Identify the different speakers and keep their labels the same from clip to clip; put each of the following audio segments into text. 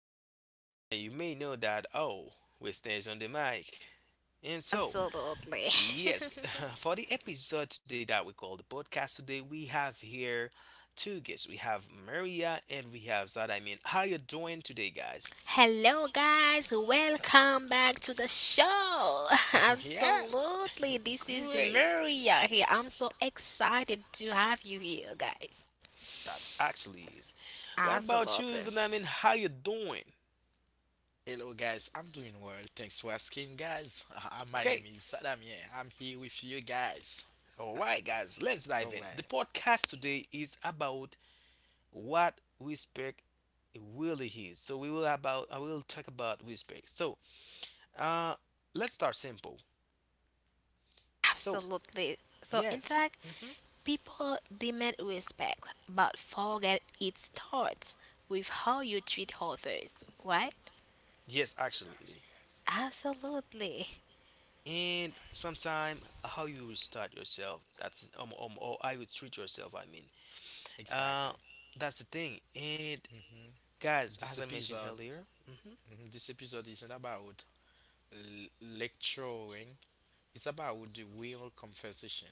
Speaker 1: voice, you may know that we stays on the mic. And so,
Speaker 2: Absolutely.
Speaker 1: yes, for the episode today that we call the podcast today, we have here two guests. We have Maria and we have Zad. I mean, how you doing today, guys?
Speaker 2: Hello, guys. Welcome back to the show.
Speaker 1: yeah,
Speaker 2: Absolutely. This is
Speaker 1: great.
Speaker 2: Maria here. I'm so excited to have you here, guys.
Speaker 1: That's actually is. What about
Speaker 2: Absolutely.
Speaker 1: you, Zad? I mean, how you doing?
Speaker 3: Hello guys, I'm doing well. Thanks for asking, guys. My name
Speaker 1: Okay.
Speaker 3: is Sadamien. I'm here with you guys.
Speaker 1: All right, guys, let's dive
Speaker 3: All
Speaker 1: in.
Speaker 3: right,
Speaker 1: The podcast today is about what respect really is. So we will about I will talk about respect. So, uh, let's start simple. So,
Speaker 2: Absolutely. So, in
Speaker 1: yes,
Speaker 2: fact,
Speaker 1: hmm
Speaker 2: people demand respect, but forget it starts with how you treat others, right?
Speaker 1: yes, actually,
Speaker 2: Absolutely.
Speaker 1: and sometime how you restart yourself. That's or how you treat yourself. I mean,
Speaker 3: exactly.
Speaker 1: uh, that's the thing. And guys,
Speaker 3: This
Speaker 1: as I mentioned
Speaker 3: episode,
Speaker 1: earlier,
Speaker 3: mhm, this episode isn't about l- lecturing. It's about the real conversation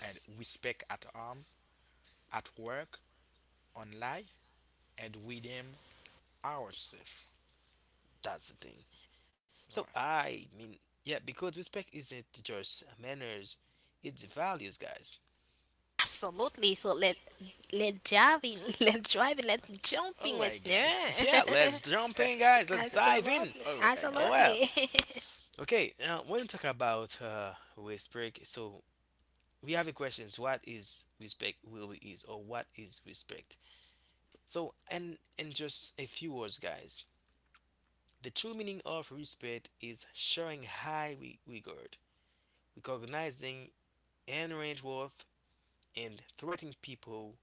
Speaker 3: and respect at home, at work, online, and within ourselves.
Speaker 1: that's the thing.
Speaker 3: All
Speaker 1: So
Speaker 3: right,
Speaker 1: I mean, yeah, because respect isn't just manners, it's values, guys.
Speaker 2: Absolutely. So let driving, let driving, let
Speaker 3: all
Speaker 2: jumping,
Speaker 3: right,
Speaker 2: listener.
Speaker 3: guys.
Speaker 1: Yeah, let's jump in, guys. Let's dive in.
Speaker 2: absolutely,
Speaker 3: All right, guys.
Speaker 1: Well,
Speaker 2: absolutely,
Speaker 1: okay. When we talk about respect, so we have a question: what is respect really is, or what is respect? So, and in just a few words, guys, the true meaning of respect is showing high regard, recognizing inherent worth, and treating people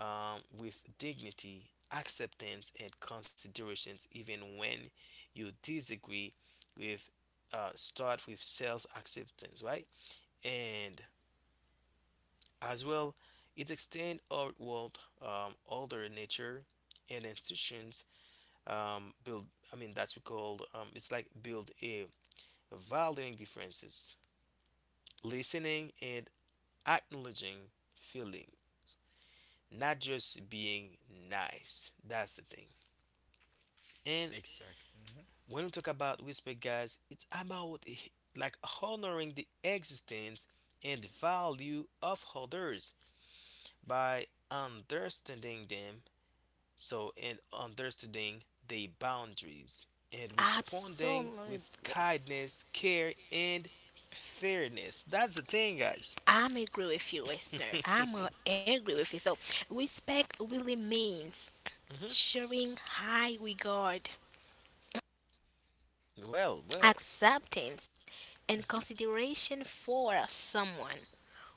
Speaker 1: with dignity, acceptance, and considerations, even when you disagree with. Start with self acceptance, right? And as well, it extends outward, older nature and institutions build. I mean, that's we call it's like build a valuing differences, listening and acknowledging feelings, not just being nice. That's the thing. And
Speaker 3: Exactly. Mhm.
Speaker 1: when we talk about respect, guys, it's about like honoring the existence and value of others by understanding them, so and understanding their boundaries and responding
Speaker 2: absolutely.
Speaker 1: with kindness, care, and fairness. That's the thing, guys.
Speaker 2: I'm agree with you, listener. I'm agree with you. So respect really means
Speaker 1: hmm
Speaker 2: showing high regard,
Speaker 1: Well, well.
Speaker 2: acceptance, and
Speaker 1: hmm
Speaker 2: consideration for someone,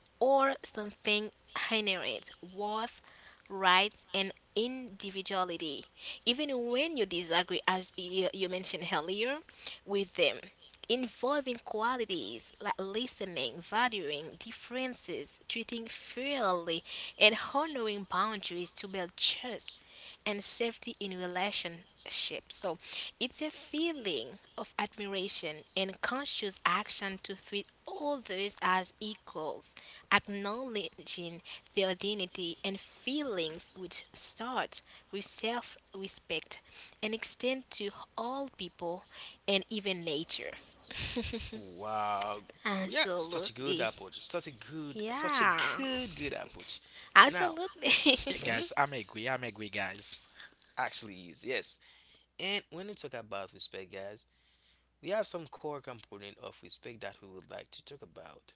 Speaker 2: or something, inherent worth, rights, and individuality, even when you disagree, as you mentioned earlier, with them. Involving qualities like listening, valuing differences, treating fairly, and honoring boundaries to build trust and safety in relation ship. So it's a feeling of admiration and conscious action to treat others as equals, acknowledging their dignity and feelings which start with self respect and extend to all people and even nature.
Speaker 1: Wow. Yeah, such a good
Speaker 2: Absolutely.
Speaker 1: approach. Such a good, such a
Speaker 2: Yeah.
Speaker 1: good, good approach. Now,
Speaker 2: Absolutely.
Speaker 3: Yeah,
Speaker 1: Mm-hmm.
Speaker 3: guys, I'm agree, guys.
Speaker 1: Actually is, yes. And when we talk about respect, guys, we have some core component of respect that we would like to talk about.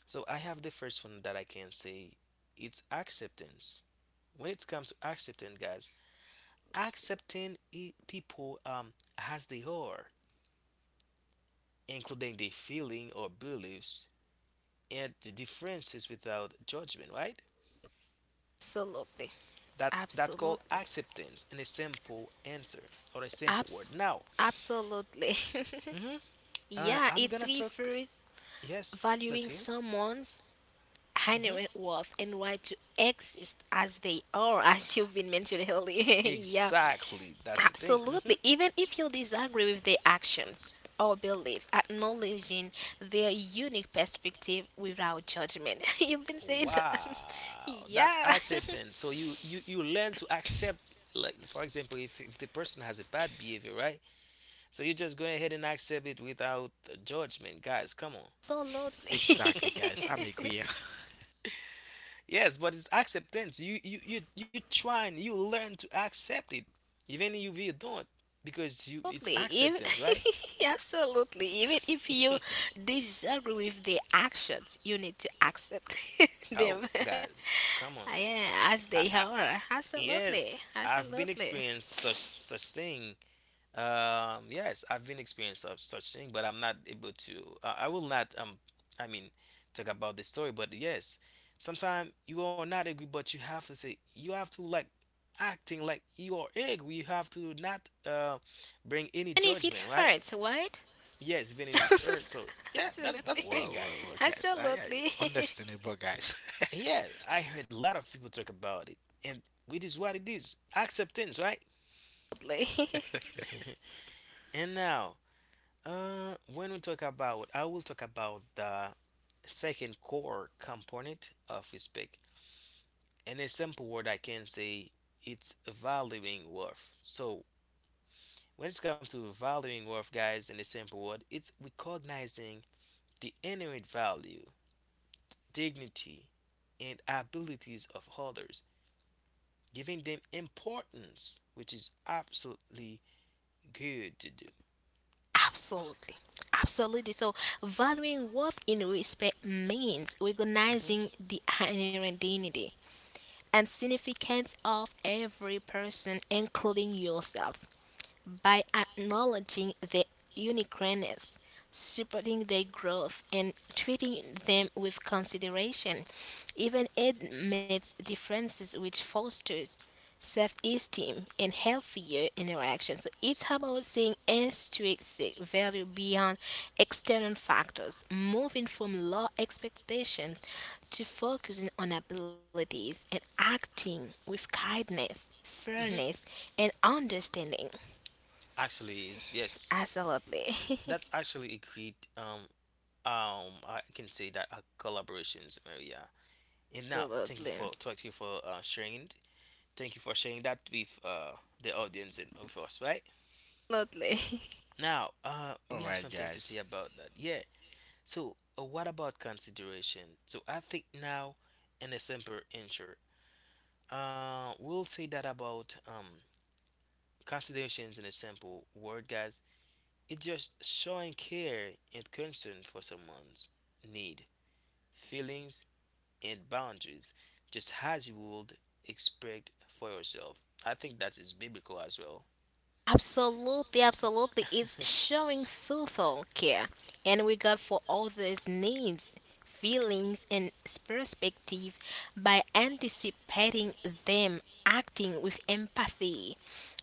Speaker 1: So I have the first one that I can say it's acceptance. When it comes to acceptance, guys, accepting people as they are, including their feeling or beliefs and the differences without judgment, right?
Speaker 2: Absolutely.
Speaker 1: That's called
Speaker 2: Absolutely.
Speaker 1: acceptance in a simple answer or a simple word.
Speaker 2: Abs-
Speaker 1: Now,
Speaker 2: Absolutely.
Speaker 1: hmm
Speaker 2: Yeah,
Speaker 1: I'm
Speaker 2: it
Speaker 1: gonna talk.
Speaker 2: refers
Speaker 1: Yes, let's
Speaker 2: valuing
Speaker 1: hear.
Speaker 2: someone's
Speaker 1: hmm
Speaker 2: inherent worth and right to exist as they are, as you've been mentioning earlier. Yeah,
Speaker 1: Exactly, that's the thing.
Speaker 2: absolutely. Even if you disagree with their actions or belief, acknowledging their unique perspective without judgment. You've been saying that.
Speaker 1: Wow, that's
Speaker 2: Yeah.
Speaker 1: acceptance. So you learn to accept. Like for example, if the person has a bad behavior, right? So you just go ahead and accept it without judgment, guys. Come on.
Speaker 2: Absolutely.
Speaker 3: Exactly, guys. I'm agree.
Speaker 1: Yes, but it's acceptance. You try and you learn to accept it, even if you don't, because you it's
Speaker 2: Absolutely,
Speaker 1: acceptance, right?
Speaker 2: if, absolutely. Even if you disagree with their actions, you need to accept
Speaker 1: Oh,
Speaker 2: them
Speaker 1: guys, come on.
Speaker 2: yeah, as
Speaker 1: I,
Speaker 2: they
Speaker 1: I,
Speaker 2: are.
Speaker 1: yes,
Speaker 2: Absolutely,
Speaker 1: I've been
Speaker 2: absolutely.
Speaker 1: experienced such thing. Yes, I've been experienced such thing, but I'm not able to. I will not. I mean, talk about the story, but yes, sometimes you are not angry, but you have to like acting like you are angry. You have to not bring any
Speaker 2: And if it
Speaker 1: judgment, right?
Speaker 2: hurts, what?
Speaker 1: Yes, even if it's hurt. So yeah, that's
Speaker 2: Absolutely,
Speaker 1: the thing,
Speaker 3: Well,
Speaker 1: guys.
Speaker 3: well, well, guys. I,
Speaker 2: absolutely,
Speaker 3: I understandable, guys.
Speaker 1: And yeah, I heard a lot of people talk about it, and it is what it is. Acceptance, right?
Speaker 2: absolutely.
Speaker 1: and now, when we talk about, I will talk about the second core component of respect. In a simple word, I can say it's valuing worth. So when it comes to valuing worth, guys, in a simple word, it's recognizing the inherent value, dignity, and abilities of others, giving them importance, which is absolutely good to do.
Speaker 2: Absolutely. Absolutely. So, valuing worth in respect means
Speaker 1: Mhm.
Speaker 2: recognizing the inherent dignity and significance of every person, including yourself by acknowledging their uniqueness, supporting their growth, and treating them with consideration, even amidst differences, which fosters self esteem and healthier interactions. So it's about seeing intrinsic value beyond external factors, moving from low expectations to focusing on abilities and acting with kindness,
Speaker 1: Mhm.
Speaker 2: fairness, and understanding.
Speaker 1: Actually, is yes.
Speaker 2: Absolutely.
Speaker 1: That's actually a great I can say that collaborations Maria. And now, thank you
Speaker 2: Absolutely.
Speaker 1: for thank you for sharing it. Thank you for sharing that with the audience and with us, right?
Speaker 2: Absolutely.
Speaker 1: Now,
Speaker 3: All
Speaker 1: we have
Speaker 3: right,
Speaker 1: something to
Speaker 3: guys.
Speaker 1: say about that. Yeah, so, what about consideration? So, I think now, in a simple intro, we'll say that about considerations in a simple word, guys. It's just showing care and concern for someone's need, feelings, and boundaries, just as you would expect for yourself. I think that is biblical as well.
Speaker 2: Absolutely, absolutely. It's showing thoughtful care and regard for others' needs, feelings, and perspective by anticipating them, acting with empathy,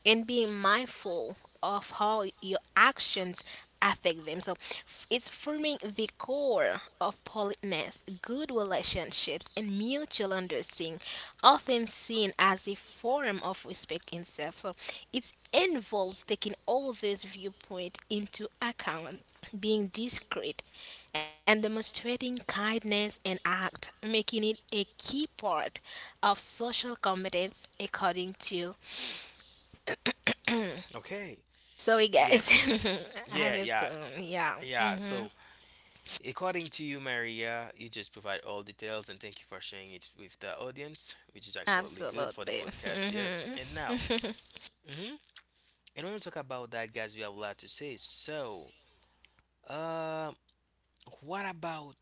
Speaker 2: and being mindful of how your actions affect them. So it's forming the core of politeness, good relationships, and mutual understanding, often seen as a form of respect itself. So it's involves taking all these viewpoints into account, being discreet, and demonstrating kindness and act, making it a key part of social competence according to
Speaker 1: okay.
Speaker 2: sorry guys.
Speaker 1: Yes.
Speaker 2: I have
Speaker 1: Yeah.
Speaker 2: a
Speaker 1: Yeah.
Speaker 2: phone. Yeah.
Speaker 1: Yeah.
Speaker 2: Hmm.
Speaker 1: So. According to you, Maria, you just provide all details and thank you for sharing it with the audience, which is absolutely good for the
Speaker 2: Absolutely.
Speaker 1: podcast. Yes.
Speaker 2: Hmm.
Speaker 1: And now, hmm and when we talk about that, guys, we have a lot to say. So, uh, what about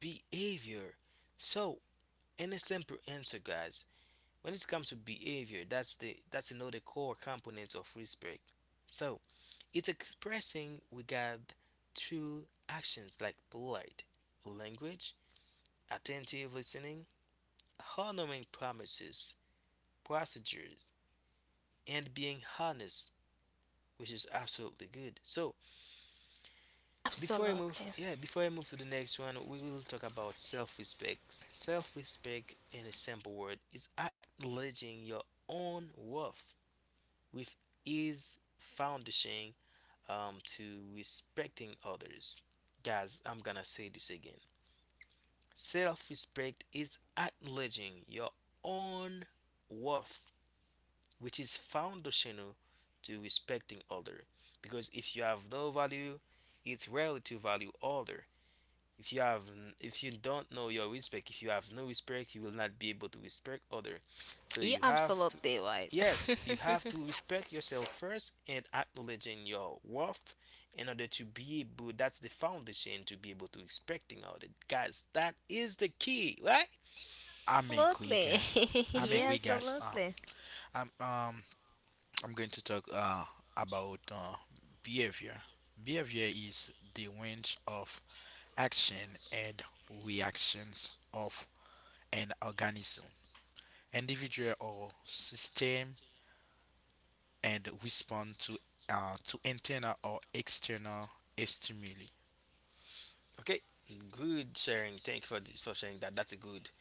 Speaker 1: behavior? So, in a simple answer, guys, when it comes to behavior, that's another core component of respect. So, it's expressing regard through actions like polite language, attentive listening, honoring promises, procedures, and being honest, which is absolutely good. So
Speaker 2: Absolutely.
Speaker 1: yeah, before I move to the next one, we will talk about self-respect. Self-respect, in a simple word, is acknowledging your own worth, with is foundation to respecting others. Guys, I'm gonna say this again. Self respect is acknowledging your own worth which is foundational to respecting other. Because if you have no value, it's rarely to value other. If you have, if you don't know your respect, if you have no respect, you will not be able to respect other. So
Speaker 2: You absolutely right.
Speaker 1: yes, you have to respect yourself first and acknowledging your worth in order to be able. That's the foundation to be able to respecting other. Guys, that is the key, right?
Speaker 3: I'm a we guys.
Speaker 2: Absolutely.
Speaker 3: I'm a
Speaker 1: Mm-hmm.
Speaker 3: we
Speaker 2: Yes,
Speaker 3: guys.
Speaker 2: absolutely.
Speaker 3: I'm um, I'm going to talk about behavior. Behavior is the range of action and reactions of an organism, individual or system, and respond to internal or external stimuli.
Speaker 1: Okay, good sharing. Thank you for this, for sharing that.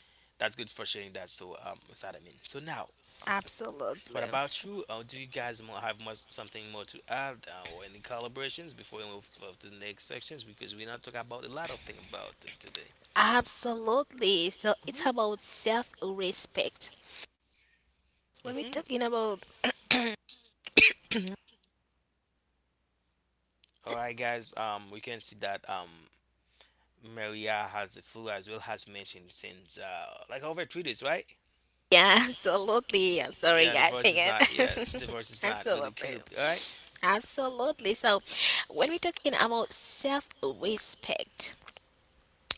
Speaker 1: That's good for sharing that. So what's that I mean? So now,
Speaker 2: Absolutely.
Speaker 1: what about you? Or do you guys more have much something more to add or any collaborations before we move to the next sections? Because we're not talking about a lot of thing about it today.
Speaker 2: Absolutely. So it's
Speaker 1: hmm
Speaker 2: about self respect. When we're
Speaker 1: hmm
Speaker 2: talking about
Speaker 1: All right, guys. We can see that Maria has the flu as well has mentioned since like over 3 days, right?
Speaker 2: yeah, absolutely. I'm sorry
Speaker 1: Yeah, the
Speaker 2: guys
Speaker 1: voice is
Speaker 2: again.
Speaker 1: not. Yeah, the voice is not really good.
Speaker 2: Absolutely.
Speaker 1: All right.
Speaker 2: Absolutely. So when we're talking about self respect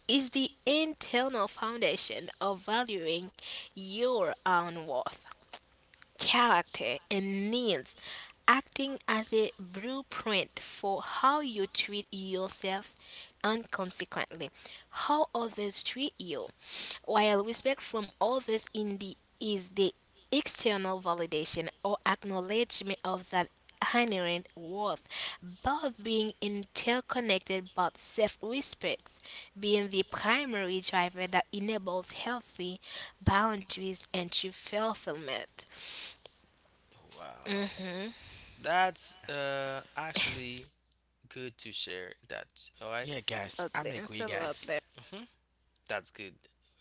Speaker 2: is the internal foundation of valuing your own worth, character and needs, acting as a blueprint for how you treat yourself and consequently how others treat you. While respect from others in the is the external validation or acknowledgement of that inherent worth, both being interconnected but self-respect being the primary driver that enables healthy boundaries and true fulfillment.
Speaker 1: Wow,
Speaker 2: Mm-hmm.
Speaker 1: that's actually good to share that. All right.
Speaker 3: Yeah, guys.
Speaker 2: Lovely.
Speaker 3: I'm
Speaker 2: It's
Speaker 3: a
Speaker 2: so
Speaker 3: we
Speaker 2: lovely.
Speaker 3: guys.
Speaker 1: Mm-hmm. That's good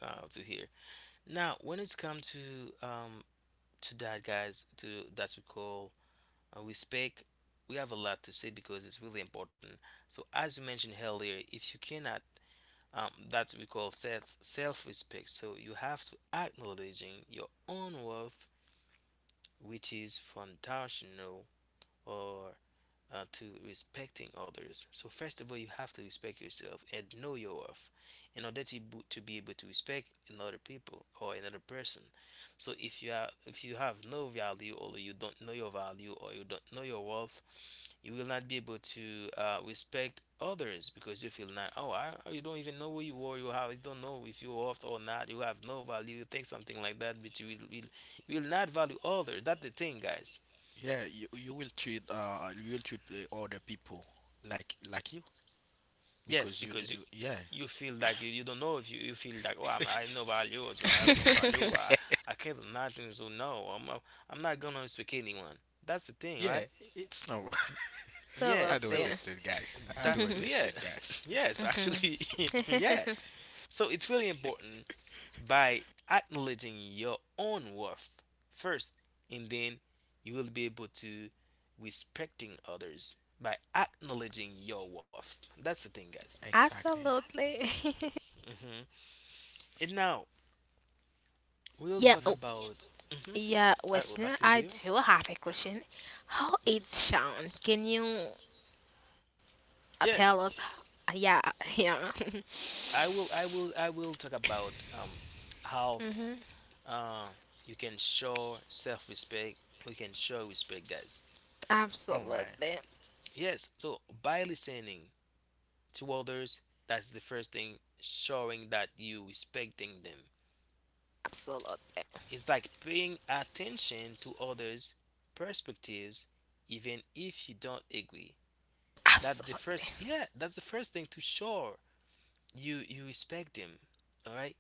Speaker 1: to hear. Now, when it's come to that, guys, to that we call we speak, we have a lot to say because it's really important. So, as you mentioned earlier, if you cannot that we call self respect. So you have to acknowledging your own worth which is foundational, or to respecting others. So first of all, you have to respect yourself and know your worth in order to be able to respect another people or another person. So if you have no value or you don't know your value or you don't know your worth, you will not be able to respect others, because you feel not you don't even know who you are, you don't know if you're worth or not, you have no value, you think something like that, but you will not value others, that's the thing, guys.
Speaker 3: Yeah, you will treat you will treat other people like you
Speaker 1: Yes,
Speaker 3: because you do,
Speaker 1: because you
Speaker 3: yeah.
Speaker 1: you feel like you don't know if you, you feel like I no value, so I have no value, I can't do nothing, so no, I'm not gonna speak anyone. That's the thing, right?
Speaker 3: Yeah, it's no.
Speaker 2: So
Speaker 1: Yeah.
Speaker 3: I don't
Speaker 1: So
Speaker 2: lovely.
Speaker 3: understand guys, I don't
Speaker 1: that's yeah
Speaker 3: understand guys.
Speaker 1: yes
Speaker 2: Mhm.
Speaker 1: actually yeah. So it's really important by acknowledging your own worth first, and then you will be able to respecting others by acknowledging your worth. That's the thing, guys.
Speaker 3: Exactly.
Speaker 2: Absolutely.
Speaker 1: And now we'll
Speaker 2: Yeah,
Speaker 1: talk
Speaker 2: oh,
Speaker 3: Mm-hmm.
Speaker 1: about. hmm
Speaker 2: yeah,
Speaker 1: I will back
Speaker 2: listener,
Speaker 1: to
Speaker 2: I
Speaker 1: you.
Speaker 2: do have a question. How it's sound? Can you
Speaker 1: Yes,
Speaker 2: tell us? Yeah. Yeah.
Speaker 1: I will talk about health.
Speaker 2: Mm-hmm.
Speaker 1: Uh, you can show self-respect. We can show respect, guys.
Speaker 3: All right.
Speaker 2: Absolutely.
Speaker 1: Yes. So by listening to others, that's the first thing. Showing that you respecting them.
Speaker 2: Absolutely.
Speaker 1: It's like paying attention to others' perspectives, even if you don't agree.
Speaker 2: Absolutely.
Speaker 1: Yeah, that's the first thing to show you respect them. All right,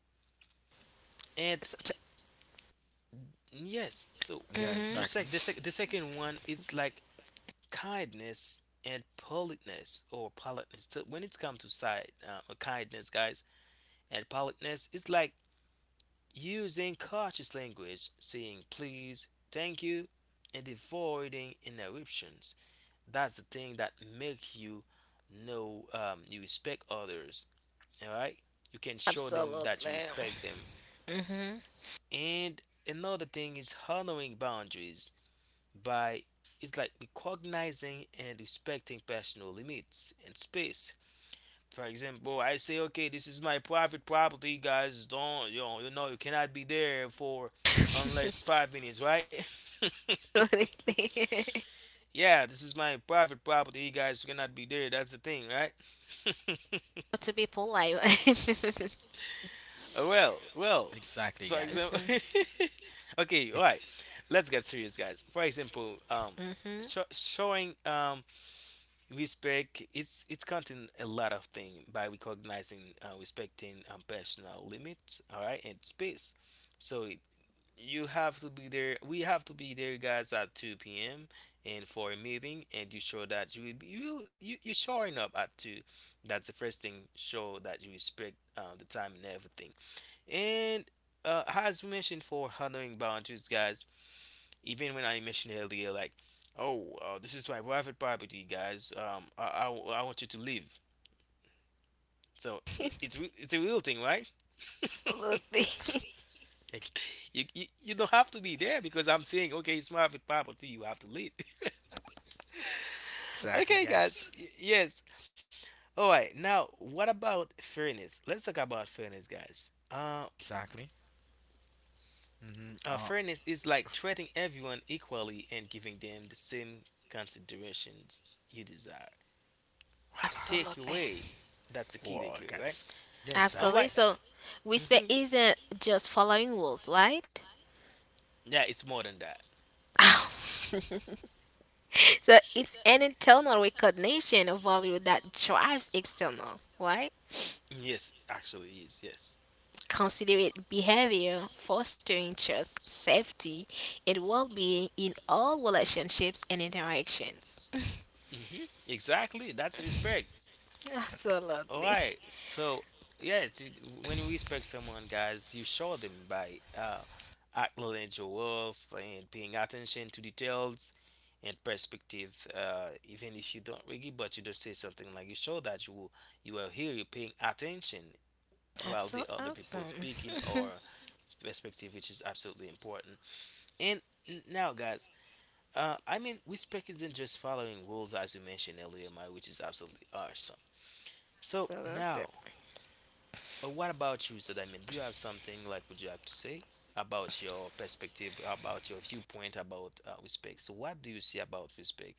Speaker 1: and
Speaker 2: Such
Speaker 1: yes, so
Speaker 3: Yeah,
Speaker 2: mhm.
Speaker 1: the
Speaker 3: exactly,
Speaker 1: sec the, sec- the second one it's like kindness and politeness or politeness. So when it's come to side kindness, guys, and politeness, it's like using cautious language, saying please, thank you, and avoiding interruptions. That's the thing that make you know you respect others, all right, you can show them that you
Speaker 2: Absolutely.
Speaker 1: respect them,
Speaker 2: Mm-hmm.
Speaker 1: and another thing is honoring boundaries by it's like recognizing and respecting personal limits and space. For example, I say okay, this is my private property, guys, don't, you know you cannot be there for unless 5 minutes, right?
Speaker 2: Absolutely.
Speaker 1: yeah, this is my private property, you guys cannot be there, that's the thing, right?
Speaker 2: But to be polite.
Speaker 1: Well, well.
Speaker 3: exactly
Speaker 1: For
Speaker 3: guys.
Speaker 1: example,
Speaker 2: Mhm,
Speaker 1: okay, all right. Let's get serious, guys. For example,
Speaker 2: mhm.
Speaker 1: showing respect, it's counting a lot of things by recognizing, respecting personal limits, all right, and space. So it- you have to be there. We have to be there, guys, at 2 p.m. and for a meeting, and you show that you will be, you will- you're showing up at two. That's the first thing. Show that you respect the time and everything. And as we mentioned for handling boundaries, guys, even when I mentioned earlier, like, oh, this is my private property, guys. I want you to leave. It's a real thing, right?
Speaker 2: Absolutely.
Speaker 3: Ex-
Speaker 1: You don't have to be there because I'm saying, okay, it's my private property. You have to leave.
Speaker 3: exactly
Speaker 1: Okay,
Speaker 3: guys.
Speaker 1: guys. Yes. All right. Now, what about fairness? Let's talk about fairness, guys.
Speaker 3: Exactly. Mm-hmm.
Speaker 1: Fairness is like treating everyone equally and giving them the same considerations you desire. Take
Speaker 2: Absolutely.
Speaker 1: away. That's the key
Speaker 3: Wow
Speaker 1: takeaway, right?
Speaker 3: guys, yeah,
Speaker 1: And
Speaker 3: exactly.
Speaker 1: why?
Speaker 2: Absolutely. So
Speaker 1: Hmm.
Speaker 2: respect isn't just following rules, right?
Speaker 1: Yeah, it's more than that.
Speaker 2: So it's an internal recognition of value that drives external, right?
Speaker 1: Yes, actually, it is. Yes.
Speaker 2: Considerate behavior, fostering trust, safety, and well being in all relationships and interactions.
Speaker 1: Hmm. Exactly. That's respect. All
Speaker 2: Absolutely.
Speaker 1: right. So, yeah, when you respect someone, guys, you show them by acknowledging your worth and paying attention to details and perspective. Even if you don't really, but you don't say something like you show that you are here, you're paying attention
Speaker 2: That's
Speaker 1: while the
Speaker 2: so
Speaker 1: other people
Speaker 2: awesome.
Speaker 1: speaking or perspective, which is absolutely important. And now, guys, I mean, respect isn't just following rules, as you mentioned earlier, Mike, which is absolutely awesome. So
Speaker 2: Absolutely.
Speaker 1: now, what about you, Zed? I mean, do you have something like would you like to say about your perspective, about your viewpoint about respect? So, what do you see about respect?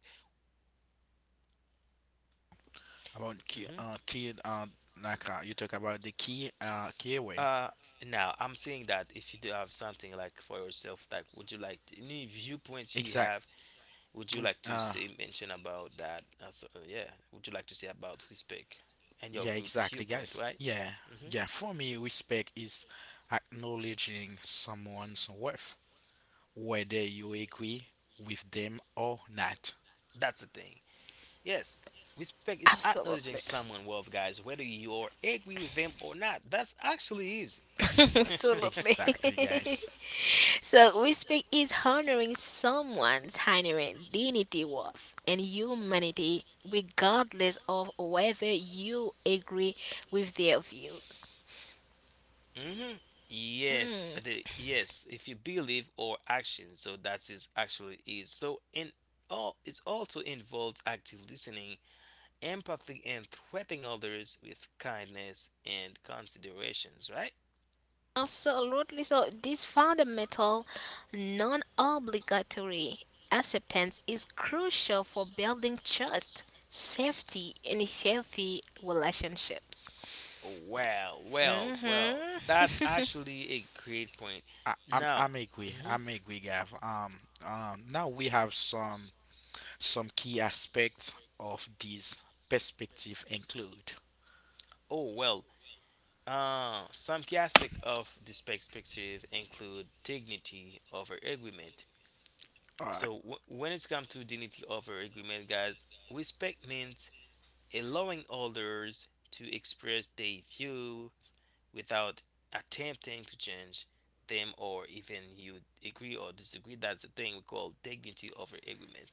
Speaker 3: About key,
Speaker 1: Hmm.
Speaker 3: key, like you talk about the key, key way.
Speaker 1: Uh, now, I'm saying that if you do have something like for yourself, like would you like any viewpoints you have.
Speaker 3: Exact.
Speaker 1: Would you like to
Speaker 3: Uh,
Speaker 1: say mention about that? As, yeah, would you like to say about respect and your
Speaker 3: yeah, exactly,
Speaker 1: viewpoint,
Speaker 3: guys.
Speaker 1: right?
Speaker 3: Yeah,
Speaker 1: Hmm.
Speaker 3: yeah. For me, respect is acknowledging someone's worth, whether you agree with them or not.
Speaker 1: That's the thing. Yes, respect is acknowledging
Speaker 2: Absolutely.
Speaker 1: someone worth, guys, whether you agree with them or not. That's actually easy.
Speaker 2: Absolutely.
Speaker 3: Exactly, guys.
Speaker 2: So respect is honoring someone's inherent dignity, worth, and humanity, regardless of whether you agree with their views.
Speaker 1: Hmm. Yes,
Speaker 2: Mm,
Speaker 1: the yes. If you believe or action, so that is actually is. So in all, it also involves active listening empathy and treating others with kindness and considerations, right?
Speaker 2: absolutely. So this fundamental, non-obligatory acceptance is crucial for building trust, safety, and healthy relationships.
Speaker 1: Well, well, well, that's
Speaker 2: Mm-hmm.
Speaker 1: actually a great point.
Speaker 3: I, I'm
Speaker 1: Now,
Speaker 3: I'm agree.
Speaker 1: mhm.
Speaker 3: I'm agree, Gav. Now we have some key aspects of this perspective include.
Speaker 1: Oh well, some key aspect of this perspective include dignity over agreement.
Speaker 3: Uh,
Speaker 1: So when it comes to dignity over agreement, guys, respect means allowing others to express their views without attempting to change them or even you agree or disagree. That's the thing we call dignity over agreement.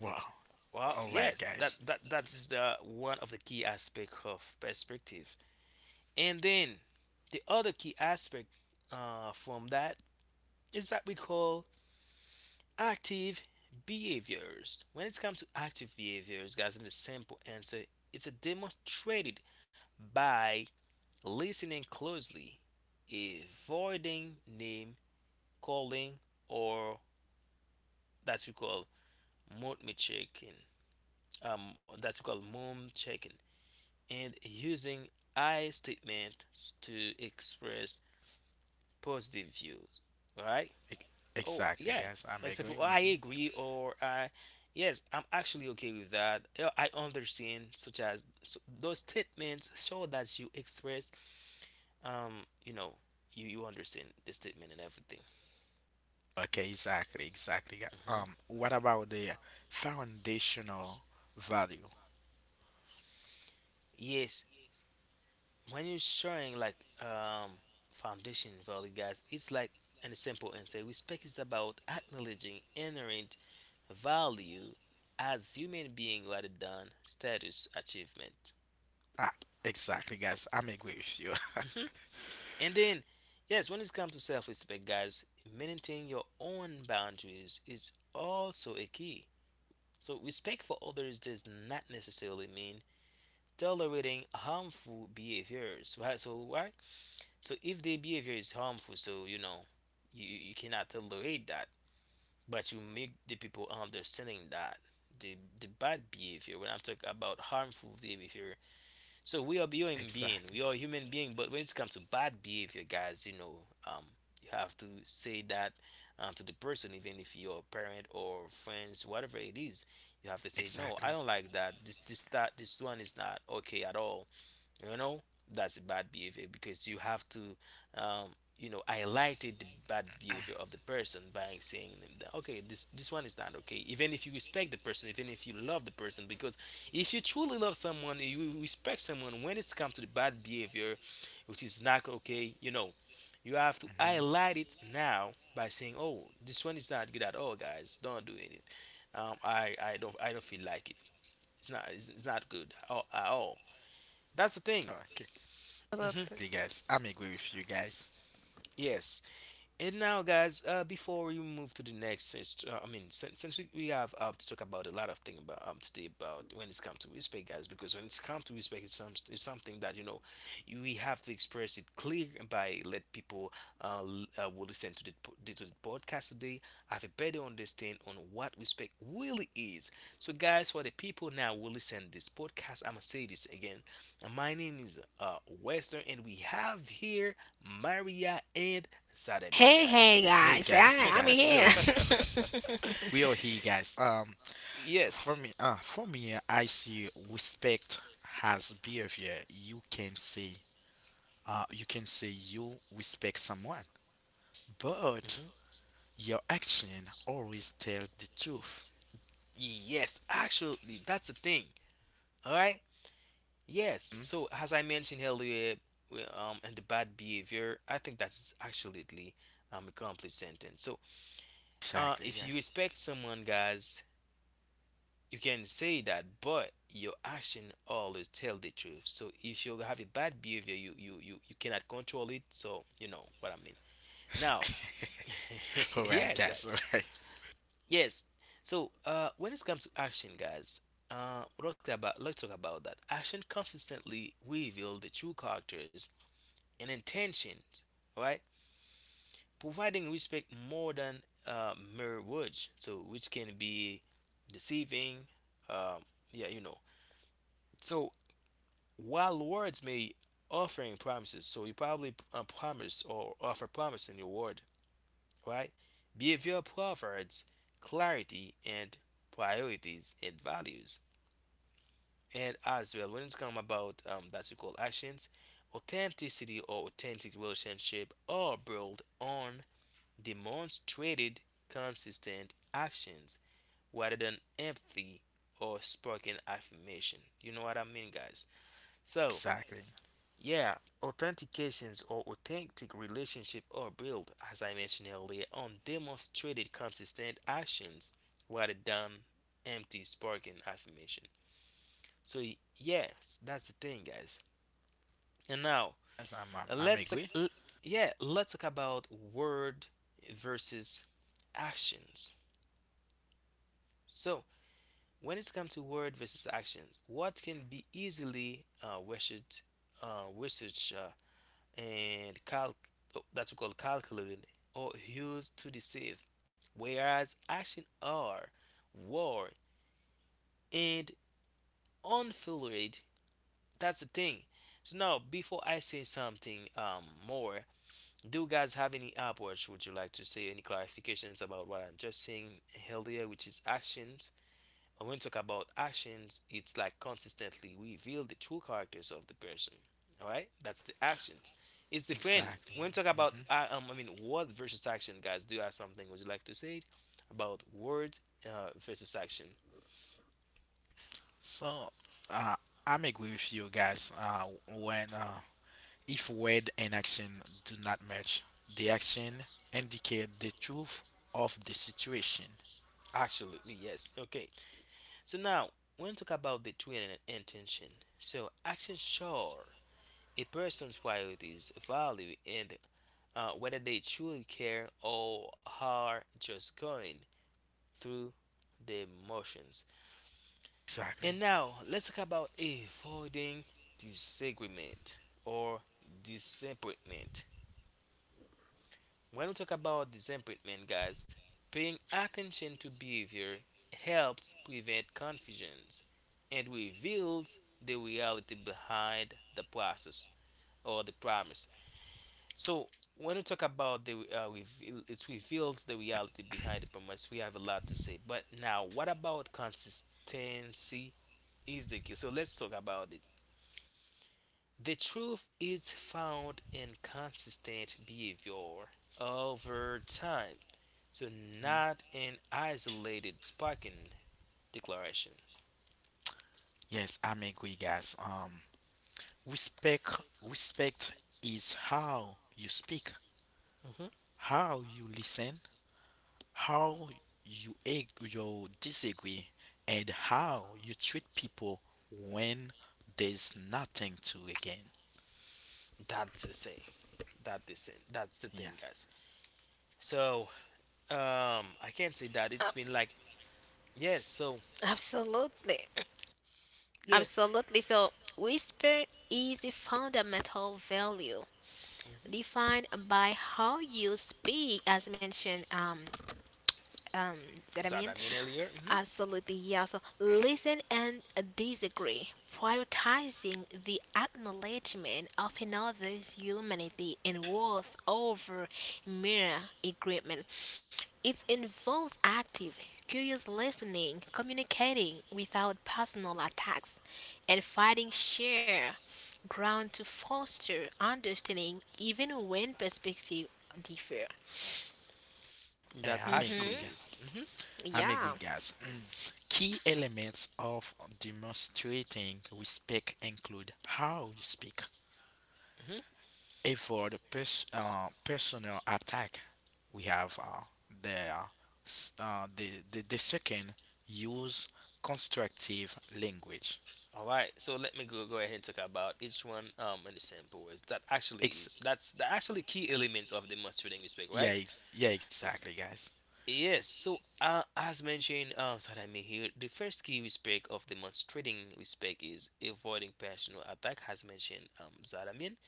Speaker 3: well,
Speaker 1: Well,
Speaker 3: all right,
Speaker 1: yes, that
Speaker 3: guys.
Speaker 1: that that is the one of the key aspect of perspective. And then the other key aspect from that is that we call active behaviors. When it comes to active behaviors, guys, in the simple answer, it's a demonstrated by listening closely, avoiding name calling or that we call mom checking, um, that we call mom checking, and using I statements to express positive views. Right?
Speaker 3: Ex-
Speaker 1: Oh
Speaker 3: Exactly,
Speaker 1: yeah.
Speaker 3: guys. I'm
Speaker 1: For example,
Speaker 3: agreeing.
Speaker 1: I
Speaker 3: Hmm.
Speaker 1: agree or I yes, I'm actually okay with that. I understand. Such as so those statements show that you express um you know you understand the statement and everything.
Speaker 3: Okay, exactly, guys.
Speaker 1: Hmm.
Speaker 3: What about the foundational value?
Speaker 1: Yes, when you're showing like um foundation value, guys, it's like an simple answer. Respect is about acknowledging inherent value as human being rather than status achievement.
Speaker 3: Ah, exactly, guys. I'm agree with you.
Speaker 1: Hmm. And then, yes, when it comes to self-respect, guys, maintaining your own boundaries is also a key. So respect for others does not necessarily mean tolerating harmful behaviors, right? So right. So if their behavior is harmful, so you know, you cannot tolerate that, but you make the people understanding that the bad behavior. When I'm talking about harmful behavior, so
Speaker 3: exactly,
Speaker 1: we are human being, but when it comes to bad behavior, guys, you know, um, you have to say that to the person, even if you're a parent or friends, whatever it is, you have to say no, I
Speaker 3: exactly.
Speaker 1: don't like that. This one is not okay at all, you know. That's a bad behavior because you have to um, you know highlighted the bad behavior of the person by saying them that okay this one is not okay, even if you respect the person, even if you love the person, because if you truly love someone you respect someone when it's come to the bad behavior, which is not okay, you know, you have to
Speaker 3: Hmm.
Speaker 1: highlight it now by saying oh this one is not good at all, guys, don't do it. I don't I don't feel like it. It's not good at all. That's the thing.
Speaker 3: Okay, Okay,
Speaker 2: Absolutely.
Speaker 3: guys. I'm agree with you, guys.
Speaker 1: Yes, and now, guys, before we move to the next, since I mean, since we have to talk about a lot of things about today about when it's come to respect, guys, because when it's come to respect, it's something that you know we have to express it clear and by let people will listen to the to the podcast today, have a better understand on what respect really is. So, guys, for the people now who listen this podcast, I'm gonna say this again. My name is Western, and we have here Maria and Sad, I mean,
Speaker 2: Hey,
Speaker 1: guys.
Speaker 2: hey,
Speaker 3: Hey,
Speaker 2: guys.
Speaker 3: guys, hey,
Speaker 2: I'm
Speaker 3: guys. We are
Speaker 2: here.
Speaker 3: here. We are here, guys. For
Speaker 1: Yes.
Speaker 3: me, for me, I see respect has behavior. You can say, you can say you respect someone, but
Speaker 1: Mhm.
Speaker 3: your action always tell the truth.
Speaker 1: Yes, actually, that's the thing. All right. Yes.
Speaker 3: Mm?
Speaker 1: So as I mentioned earlier, and the bad behavior, I think that's actually a complete sentence. So,
Speaker 3: Exactly.
Speaker 1: if you
Speaker 3: Yes.
Speaker 1: respect someone, guys, you can say that, but your action always tell the truth. So, if you have a bad behavior, you cannot control it. So, you know what I mean. Now,
Speaker 3: All right,
Speaker 1: yes,
Speaker 3: guys. All
Speaker 1: guys.
Speaker 3: right.
Speaker 1: Yes. So when it comes to action, guys, we'll talk about let's talk about that. Action consistently reveal the true characters and intentions, right? Providing respect more than mere words, so which can be deceiving. Um, yeah, you know. So while words may offering promises, so you probably promise or offer promise in your word, right? Behavior provides clarity and priorities and values. And as well, when it's come about that we call actions, authenticity or authentic relationship are built on demonstrated consistent actions rather than empty or spoken affirmation. You know what I mean, guys? So,
Speaker 3: Exactly.
Speaker 1: yeah, authentications or authentic relationship are built, as I mentioned earlier, on demonstrated consistent actions rather than empty spoken affirmation. So, yes, that's the thing, guys. And now
Speaker 3: Yes, I'm, I'm,
Speaker 1: uh,
Speaker 3: I'm
Speaker 1: let's
Speaker 3: agree.
Speaker 1: talk, l- yeah, let's talk about word versus actions. So when it comes to word versus actions, what can be easily research and calc oh, that's called calculated or used to deceive, whereas action are war and unfiltered. That's the thing. So now before I say something more, do you guys have any upwards? Would you like to say any clarifications about what I'm just saying earlier, which is actions? When we talk about actions, it's like consistently reveal the true characters of the person. All right, that's the actions. It's different
Speaker 3: Exactly.
Speaker 1: when we talk about
Speaker 3: Hmm.
Speaker 1: I mean word versus action, guys. Do you have something? Would you like to say about word versus action?
Speaker 3: So, uh, I'm agree with you guys. When If word and action do not match, the action indicate the truth of the situation.
Speaker 1: Absolutely, yes. Okay, so now when we talk about the twin and intention, so action sure a person's priorities, value, and whether they truly care or are just going through the motions. And
Speaker 3: Exactly.
Speaker 1: now let's talk about avoiding disagreement or disappointment. When we talk about disappointment, guys, paying attention to behavior helps prevent confusions and reveals the reality behind the process or the promise. So when we talk about the reveal, it reveals the reality behind the promise. We have a lot to say, but now what about consistency? Is the key. So let's talk about it. The truth is found in consistent behavior over time, so
Speaker 3: Mhm.
Speaker 1: not in isolated sparking declaration.
Speaker 3: Yes, I'm agree, guys. Respect is how you speak,
Speaker 1: Hmm.
Speaker 3: how you listen, how you disagree, and how you treat people when there's nothing to again.
Speaker 1: That's the same. That is it. That's the
Speaker 3: Yeah,
Speaker 1: thing, guys. So I can't say that
Speaker 2: Ab-
Speaker 1: it's been like yes. So
Speaker 2: Absolutely.
Speaker 1: yeah.
Speaker 2: Absolutely. So, whisper is a fundamental value defined by how you speak, as mentioned. Um, that I
Speaker 1: So
Speaker 2: mean,
Speaker 1: that I mean earlier.
Speaker 2: absolutely, yeah. So listen and disagree. Prioritizing the acknowledgement of another's humanity and worth over mere agreement. It involves active, curious listening, communicating without personal attacks, and finding shared ground to foster understanding even when perspectives differ.
Speaker 1: Hmm. That
Speaker 3: yeah,
Speaker 2: Hmm.
Speaker 1: actually is. Hmm.
Speaker 2: Yeah,
Speaker 3: I'm agree, guys. Key elements of demonstrating respect include how you speak,
Speaker 1: Hmm.
Speaker 3: avoid personal attack. We have the, uh, the second use constructive language.
Speaker 1: All right. So let me go ahead and talk about each one in the sample words. That actually
Speaker 3: Ex-
Speaker 1: is. That's the actually key elements of the must respect, right?
Speaker 3: exactly, guys.
Speaker 1: Yes. So as mentioned, so that I mean here, the first key respect of the must respect is avoiding personal attack. As mentioned, so that I mean,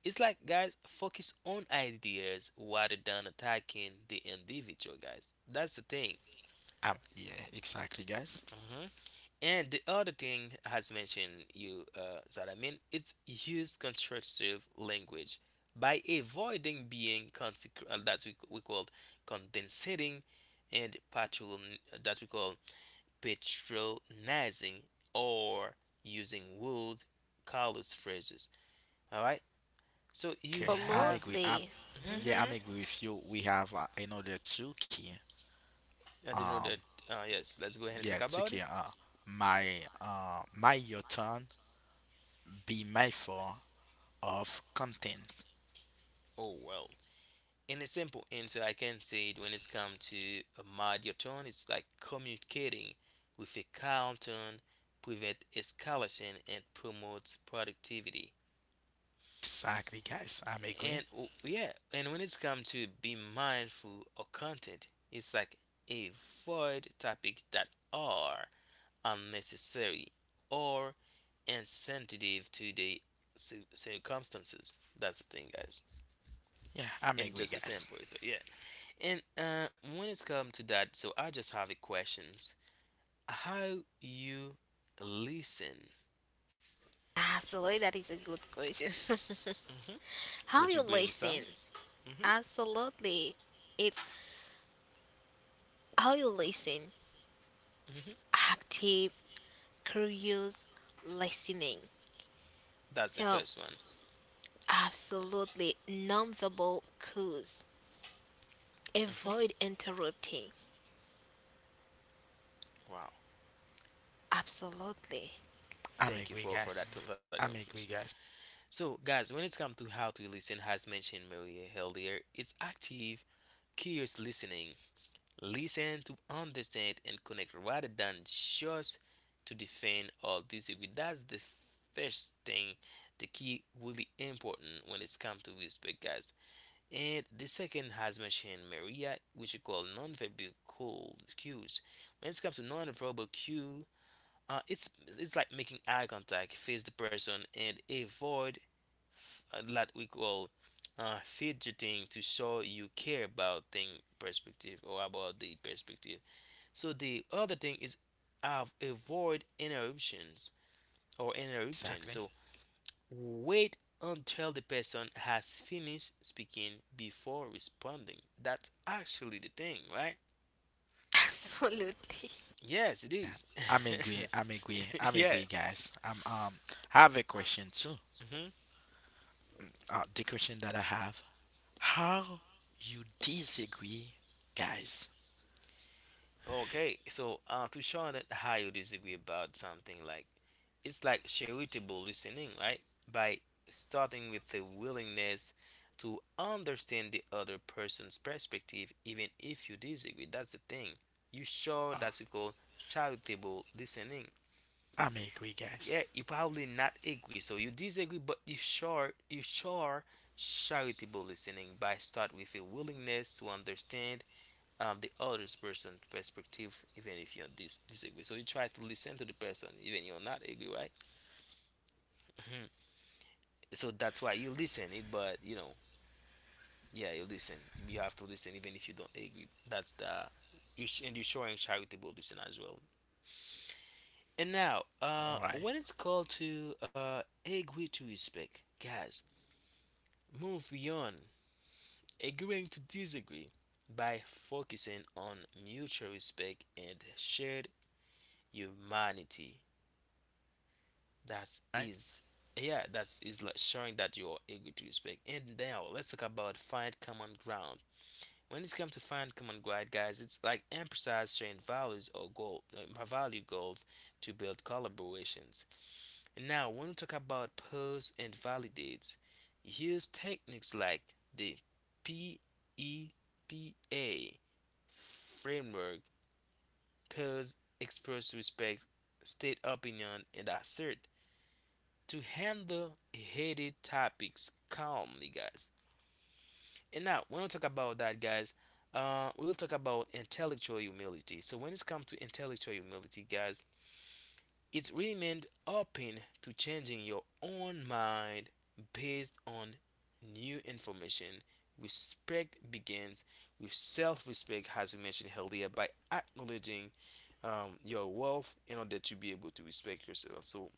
Speaker 1: it's like guys focus on ideas rather than attacking the individual, guys. That's the thing.
Speaker 3: Yeah, exactly, guys.
Speaker 1: And the other thing I has mentioned you that I mean it's use constructive language by avoiding being that we called condensing and patron that we call patronizing or using wold callous phrases. All right, so you
Speaker 3: Okay,
Speaker 1: have.
Speaker 2: absolutely.
Speaker 1: Mhm.
Speaker 3: yeah, I'm
Speaker 2: Mm-hmm.
Speaker 3: agree with you. We have another two key.
Speaker 1: I didn't know
Speaker 3: Um,
Speaker 1: that. Yes, let's go ahead and talk
Speaker 3: Yeah,
Speaker 1: about
Speaker 3: Tiki,
Speaker 1: it.
Speaker 3: my your turn, be mindful of contents.
Speaker 1: Oh well. In a simple answer I can say it when it's come to a mightier tone, it's like communicating with a calm tone prevent escalation and promotes productivity.
Speaker 3: Exactly, guys. I'm agree.
Speaker 1: And oh, yeah, and when it's come to be mindful of content, it's like avoid topics that are unnecessary or insensitive to the circumstances. That's the thing, guys.
Speaker 3: Yeah, I'm
Speaker 1: And
Speaker 3: agree,
Speaker 1: just a
Speaker 3: guys.
Speaker 1: sample, so yeah. And when it's come to that, so I just have a questions. How you listen?
Speaker 2: Ah, absolutely, that is a good question.
Speaker 1: Hmm.
Speaker 2: How
Speaker 1: Could you
Speaker 2: you
Speaker 1: bring some?
Speaker 2: listen?
Speaker 1: Hmm.
Speaker 2: Absolutely. It's how you listen.
Speaker 1: Hmm.
Speaker 2: Active, curious, listening.
Speaker 1: That's the first
Speaker 2: So,
Speaker 1: one.
Speaker 2: absolutely, nonverbal cues.
Speaker 1: Hmm.
Speaker 2: Avoid interrupting.
Speaker 1: Wow.
Speaker 2: Absolutely.
Speaker 3: I'm
Speaker 1: Thank you
Speaker 3: agree, guys.
Speaker 1: for that
Speaker 3: I'm agree,
Speaker 1: contribution.
Speaker 3: guys.
Speaker 1: So guys, when it comes to how to listen, as mentioned Maria earlier, it's active, curious listening. Listen to understand and connect rather than just to defend or disagree. That's the first thing, the key really important when it's come to respect, guys. And the second has mentioned Maria, which we call nonverbal cues. When it comes to nonverbal cue, uh, it's it's like making eye contact, face the person, and avoid that we call fidgeting to show you care about thing perspective or about the perspective. So the other thing is avoid interruptions or interruption.
Speaker 3: Exactly.
Speaker 1: So wait until the person has finished speaking before responding. That's actually the thing, right?
Speaker 2: Absolutely.
Speaker 1: Yes, it is.
Speaker 3: I'm
Speaker 1: Yeah.
Speaker 3: agree, guys. I have a question too.
Speaker 1: Mhm.
Speaker 3: The question that I have: how you disagree, guys?
Speaker 1: Okay, so to show that how you disagree about something, like it's like charitable listening, right? By starting with the willingness to understand the other person's perspective, even if you disagree. That's the thing. You show that's you call charitable listening.
Speaker 3: I'm agree,
Speaker 1: Yeah,
Speaker 3: guys.
Speaker 1: you probably not agree, so you disagree, but you sure charitable listening by start with a willingness to understand the other person's perspective, even if you disagree. So you try to listen to the person, even you're not agree, right? So that's why you listen it, but you know, yeah, you listen. You have to listen even if you don't agree. That's the and you're showing charitable listen as well. And now,
Speaker 3: All right.
Speaker 1: when it's called to agree to respect, guys, move beyond agreeing to disagree by focusing on mutual respect and shared humanity. That
Speaker 3: Right.
Speaker 1: is, yeah, that is like showing that you're eager to speak. And now let's talk about find common ground. When it comes to find common ground, guys, it's like emphasize sharing values or goal, value goals to build collaborations. And now when we talk about pose and validates, use techniques like the PEPA framework, pose, express respect, state opinion, and assert to handle heated topics calmly, guys. And now, when we talk about that, guys, we will talk about intellectual humility. So, when it comes to intellectual humility, guys, it remained open to changing your own mind based on new information. Respect begins with self respect, as we mentioned earlier, by acknowledging your wealth in order to be able to respect yourself. So,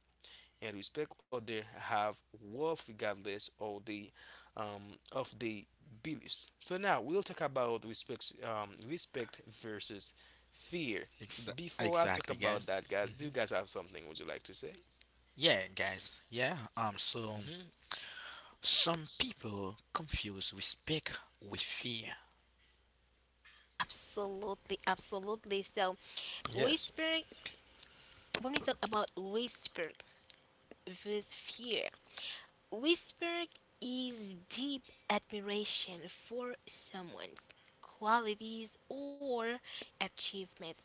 Speaker 1: and respect others have worth regardless um, of the beliefs. So now we'll talk about respect respect versus fear.
Speaker 3: Ex-
Speaker 1: Before I talk
Speaker 3: exactly,
Speaker 1: about
Speaker 3: guys.
Speaker 1: that, guys, do
Speaker 3: Hmm.
Speaker 1: you guys have something would you like to say?
Speaker 3: Yeah, guys. Yeah. So.
Speaker 1: Hmm.
Speaker 3: Some people confuse respect with fear.
Speaker 2: Absolutely. Absolutely. So,
Speaker 1: Yes.
Speaker 2: whispering, when we talk about whispering, versus fear. Whisper is deep admiration for someone's qualities or achievements,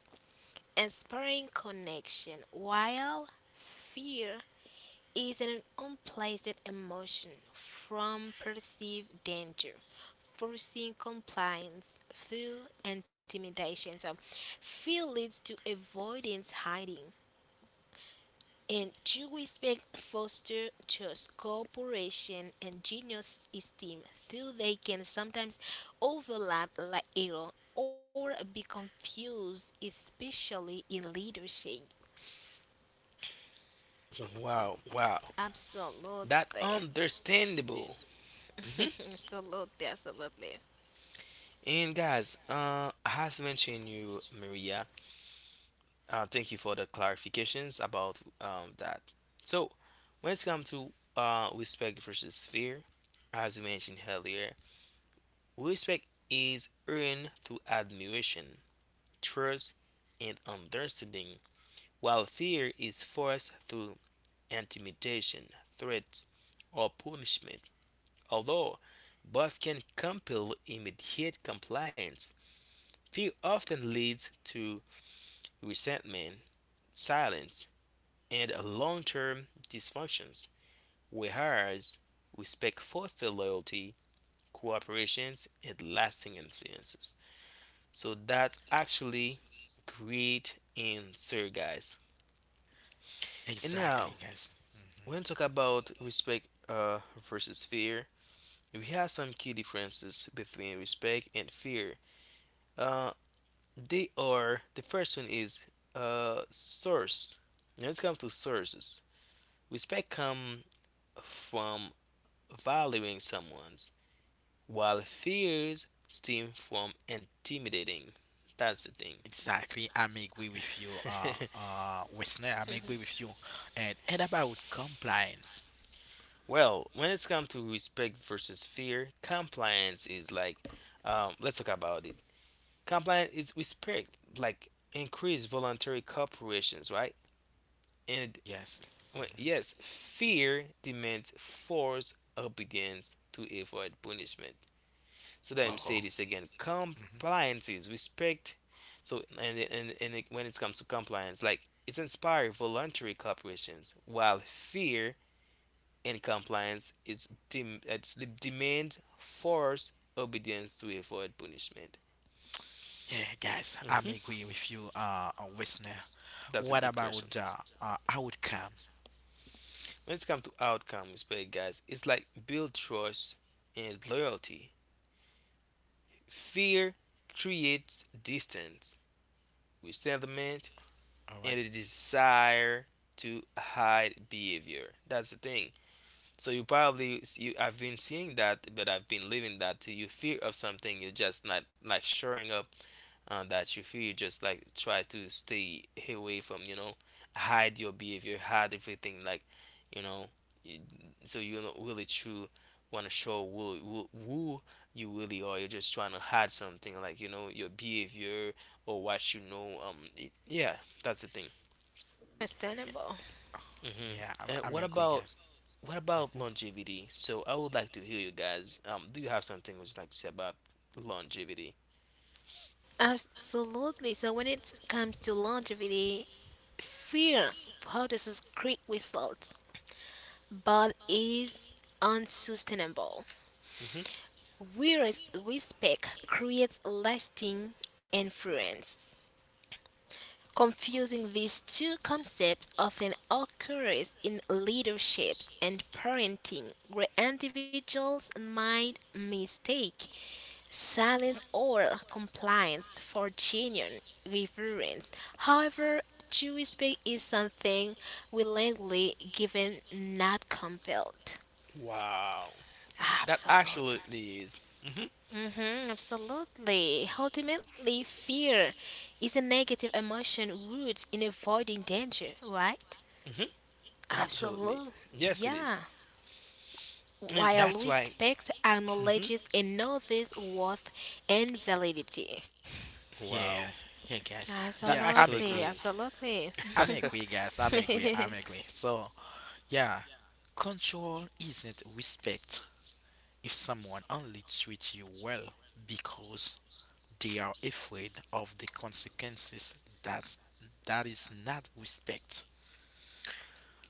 Speaker 2: inspiring connection, while fear is an unpleasant emotion from perceived danger, forcing compliance through intimidation. So, fear leads to avoidance, hiding, and to respect, foster trust, cooperation and genius esteem, though they can sometimes overlap like error or be confused, especially in leadership?
Speaker 1: Wow, wow. That
Speaker 2: Absolutely.
Speaker 1: understandable.
Speaker 2: Absolutely, absolutely.
Speaker 1: And guys, as mentioned you, Maria, thank you for the clarifications about that. So, when it's come to respect versus fear, as we mentioned earlier, respect is earned through admiration, trust, and understanding, while fear is forced through intimidation, threats, or punishment. Although both can compel immediate compliance, fear often leads to resentment, silence, and long term dysfunctions, whereas respect fosters loyalty, cooperations, and lasting influences. So that's actually great answer, guys. And now,
Speaker 3: Exactly, guys. Mhm.
Speaker 1: when we talk about respect versus fear, we have some key differences between respect and fear. Uh, they are the first one is source. Now let's come to sources. Respect come from valuing someone's while fears stem from intimidating. That's the thing.
Speaker 3: Exactly. I'm agree with you, Wesley. I'm agree with you. And about compliance.
Speaker 1: Well, when it's come to respect versus fear, compliance is like, let's talk about it. Compliance is respect, like increased voluntary corporations, right? And
Speaker 3: Yes.
Speaker 1: when,
Speaker 3: Mhm.
Speaker 1: yes, fear demands forced obedience to avoid punishment. So let me say
Speaker 3: Oh.
Speaker 1: this again.
Speaker 3: Hmm.
Speaker 1: Compliance is respect. So and it, when it comes to compliance, like it's inspiring voluntary corporations, while fear and compliance is it's the demand force obedience to avoid punishment.
Speaker 3: Yeah, guys. I'm
Speaker 1: Hmm.
Speaker 3: agree with you, Wesley.
Speaker 1: That's a
Speaker 3: What
Speaker 1: good
Speaker 3: about
Speaker 1: question.
Speaker 3: the outcome?
Speaker 1: When it comes to outcome respect, guys, it's like build trust and loyalty. Fear creates distance, resentment
Speaker 3: All
Speaker 1: and
Speaker 3: right.
Speaker 1: a desire to hide behavior. That's the thing. So you probably you I've been seeing that, but I've been living that. To you fear of something, you're just not like showing up on that. You fear you just like try to stay away from you know hide your behavior, hide everything like you know. You, so you're not really true. Want to show who you really are. You're just trying to hide something like you know your behavior or what you know. Yeah, that's the thing.
Speaker 2: Understandable.
Speaker 1: Mm-hmm.
Speaker 3: Yeah,
Speaker 1: And
Speaker 3: I'm agree, guys.
Speaker 1: what about
Speaker 3: Hmm.
Speaker 1: longevity? So I would like to hear you guys. Do you have something would you like to say about longevity?
Speaker 2: Absolutely. So when it comes to longevity, fear produces great results, but is unsustainable.
Speaker 1: Mm-hmm.
Speaker 2: Whereas respect creates lasting influence. Confusing these two concepts often occurs in leaderships and parenting, where individuals might mistake silence or compliance for genuine reverence. However, true respect is something willingly given, not compelled.
Speaker 1: Wow, that
Speaker 2: Absolutely.
Speaker 1: absolutely is.
Speaker 2: Mm-hmm, absolutely. Ultimately, fear is a negative emotion rooted in avoiding danger, right?
Speaker 1: Mm-hmm. Absolutely,
Speaker 2: Absolutely,
Speaker 1: yes, it is,
Speaker 2: yeah.
Speaker 1: and
Speaker 2: While
Speaker 1: that's why.
Speaker 2: respect
Speaker 1: Mm-hmm.
Speaker 2: acknowledges another's worth and validity.
Speaker 1: Wow,
Speaker 3: Yeah, yeah, guys.
Speaker 1: that
Speaker 3: Yeah, I'm
Speaker 2: Absolutely,
Speaker 1: absolutely
Speaker 3: agree.
Speaker 1: is.
Speaker 2: absolutely.
Speaker 3: So, yeah, control isn't respect if someone only treats you well because they are afraid of the consequences. That that is not respect.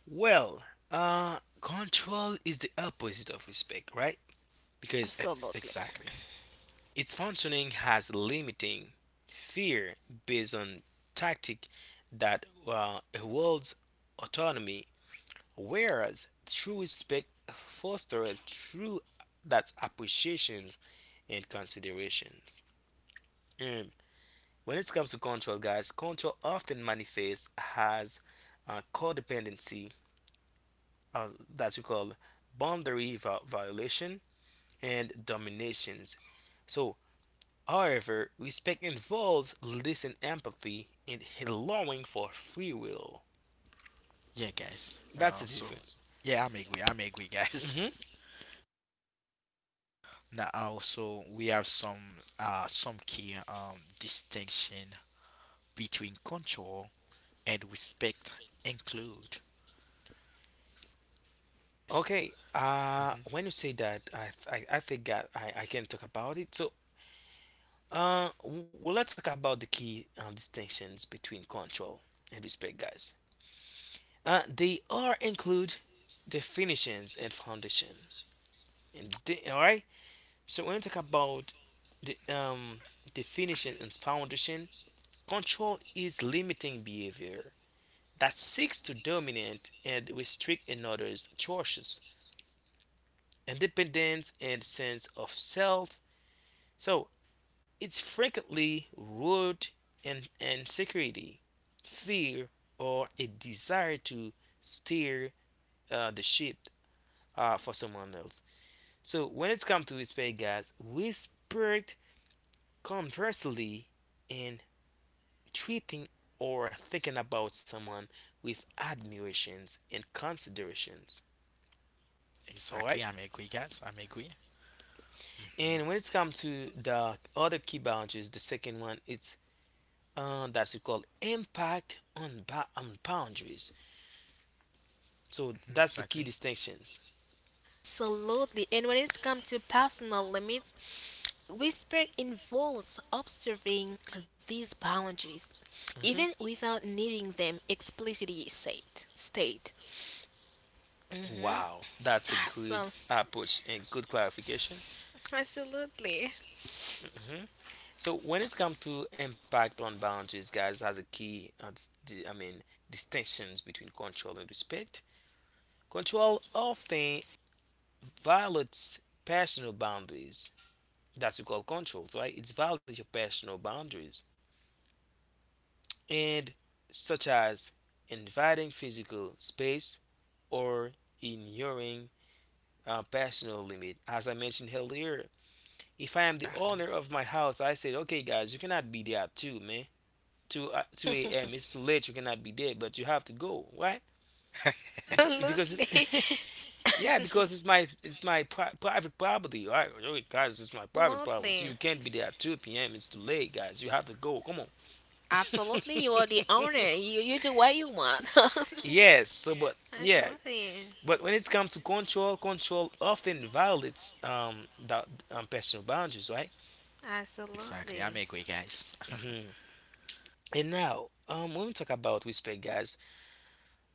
Speaker 1: Well, control is the opposite of respect, right? Because
Speaker 3: E-
Speaker 2: Absolutely.
Speaker 3: exactly.
Speaker 1: its functioning has limiting fear based on tactic that erodes autonomy, whereas true respect fosters true that's appreciations and considerations. And when it comes to control, guys, control often manifests as a codependency uh, that we call boundary violation and dominations. So however, respect involves listening empathy and allowing for free will.
Speaker 3: Yeah, guys.
Speaker 1: That's the difference.
Speaker 3: Yeah, I'm agree, guys.
Speaker 1: Hmm.
Speaker 3: Now also we have some key distinction between control and respect include.
Speaker 1: Okay.
Speaker 3: Hmm.
Speaker 1: When you say that, I think that I can talk about it. So, well, let's talk about the key distinctions between control and respect, guys. They are include definitions and foundation. And all right. So when you talk about the definition and foundation, control is limiting behavior that seeks to dominate and restrict another's choices, independence, and sense of self. So it's frequently rooted in insecurity, fear, or a desire to steer the ship for someone else. So when it's come to respect, guys, respect conversely in treating or thinking about someone with admirations and considerations. All
Speaker 3: Exactly.
Speaker 1: right.
Speaker 3: I'm agree, guys. I'm agree. Mhm.
Speaker 1: And when it's come to the other key boundaries, the second one it's that we call impact on on boundaries. So that's the key
Speaker 3: Exactly.
Speaker 1: distinctions.
Speaker 2: Absolutely. And when it comes to personal limits, whisper involves observing these boundaries, even
Speaker 1: Hmm.
Speaker 2: without needing them explicitly said. State. Hmm.
Speaker 1: Wow, that's a
Speaker 2: Awesome.
Speaker 1: good approach and good clarification.
Speaker 2: Absolutely.
Speaker 1: Hmm. So when it's come to impact on boundaries, guys, has a key. I mean distinctions between control and respect. Control often violates personal boundaries. That's what we call control, right? It's violates your personal boundaries and such as inviting physical space or ignoring personal limit. As I mentioned earlier, if I am the
Speaker 3: Exactly.
Speaker 1: owner of my house, I said, okay, guys, you cannot be there at 2, man. 2, 2 a.m. It's too late. You cannot be there, but you have to go. Why? Because
Speaker 2: Absolutely.
Speaker 1: it, yeah, because it's my private property. All right, guys, it's my private
Speaker 2: Absolutely.
Speaker 1: property. You can't be there at 2 p.m. It's too late, guys. You have to go. Come on.
Speaker 2: Absolutely. You are the owner. You do what you want.
Speaker 1: Yes, so but yeah,
Speaker 2: Absolutely.
Speaker 1: but when it's come to control, control often violates that personal boundaries, right?
Speaker 3: Exactly.
Speaker 2: Absolutely.
Speaker 3: I'm agree, guys.
Speaker 1: Hmm. And now, when we talk about respect, guys,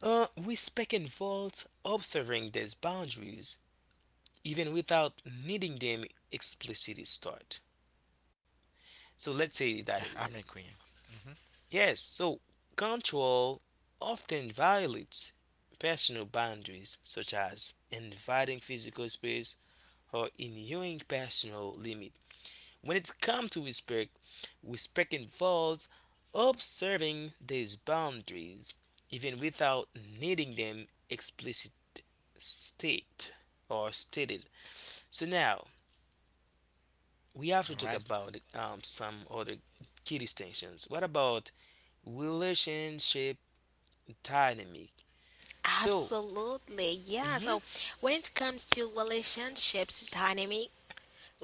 Speaker 1: respect involves observing these boundaries even without needing them explicitly start. So let's say that
Speaker 3: Yeah, I'm
Speaker 1: again.
Speaker 3: agree. Mhm.
Speaker 1: Yes, so control often violates personal boundaries, such as invading physical space or inhering personal limit. When it comes to respect, respect involves observing these boundaries even without needing them explicit state or stated. So now we have to
Speaker 3: All
Speaker 1: talk
Speaker 3: right.
Speaker 1: about some other key distinctions. What about relationship dynamic? So,
Speaker 2: Absolutely, yeah.
Speaker 1: hmm,
Speaker 2: So when it comes to relationships dynamic,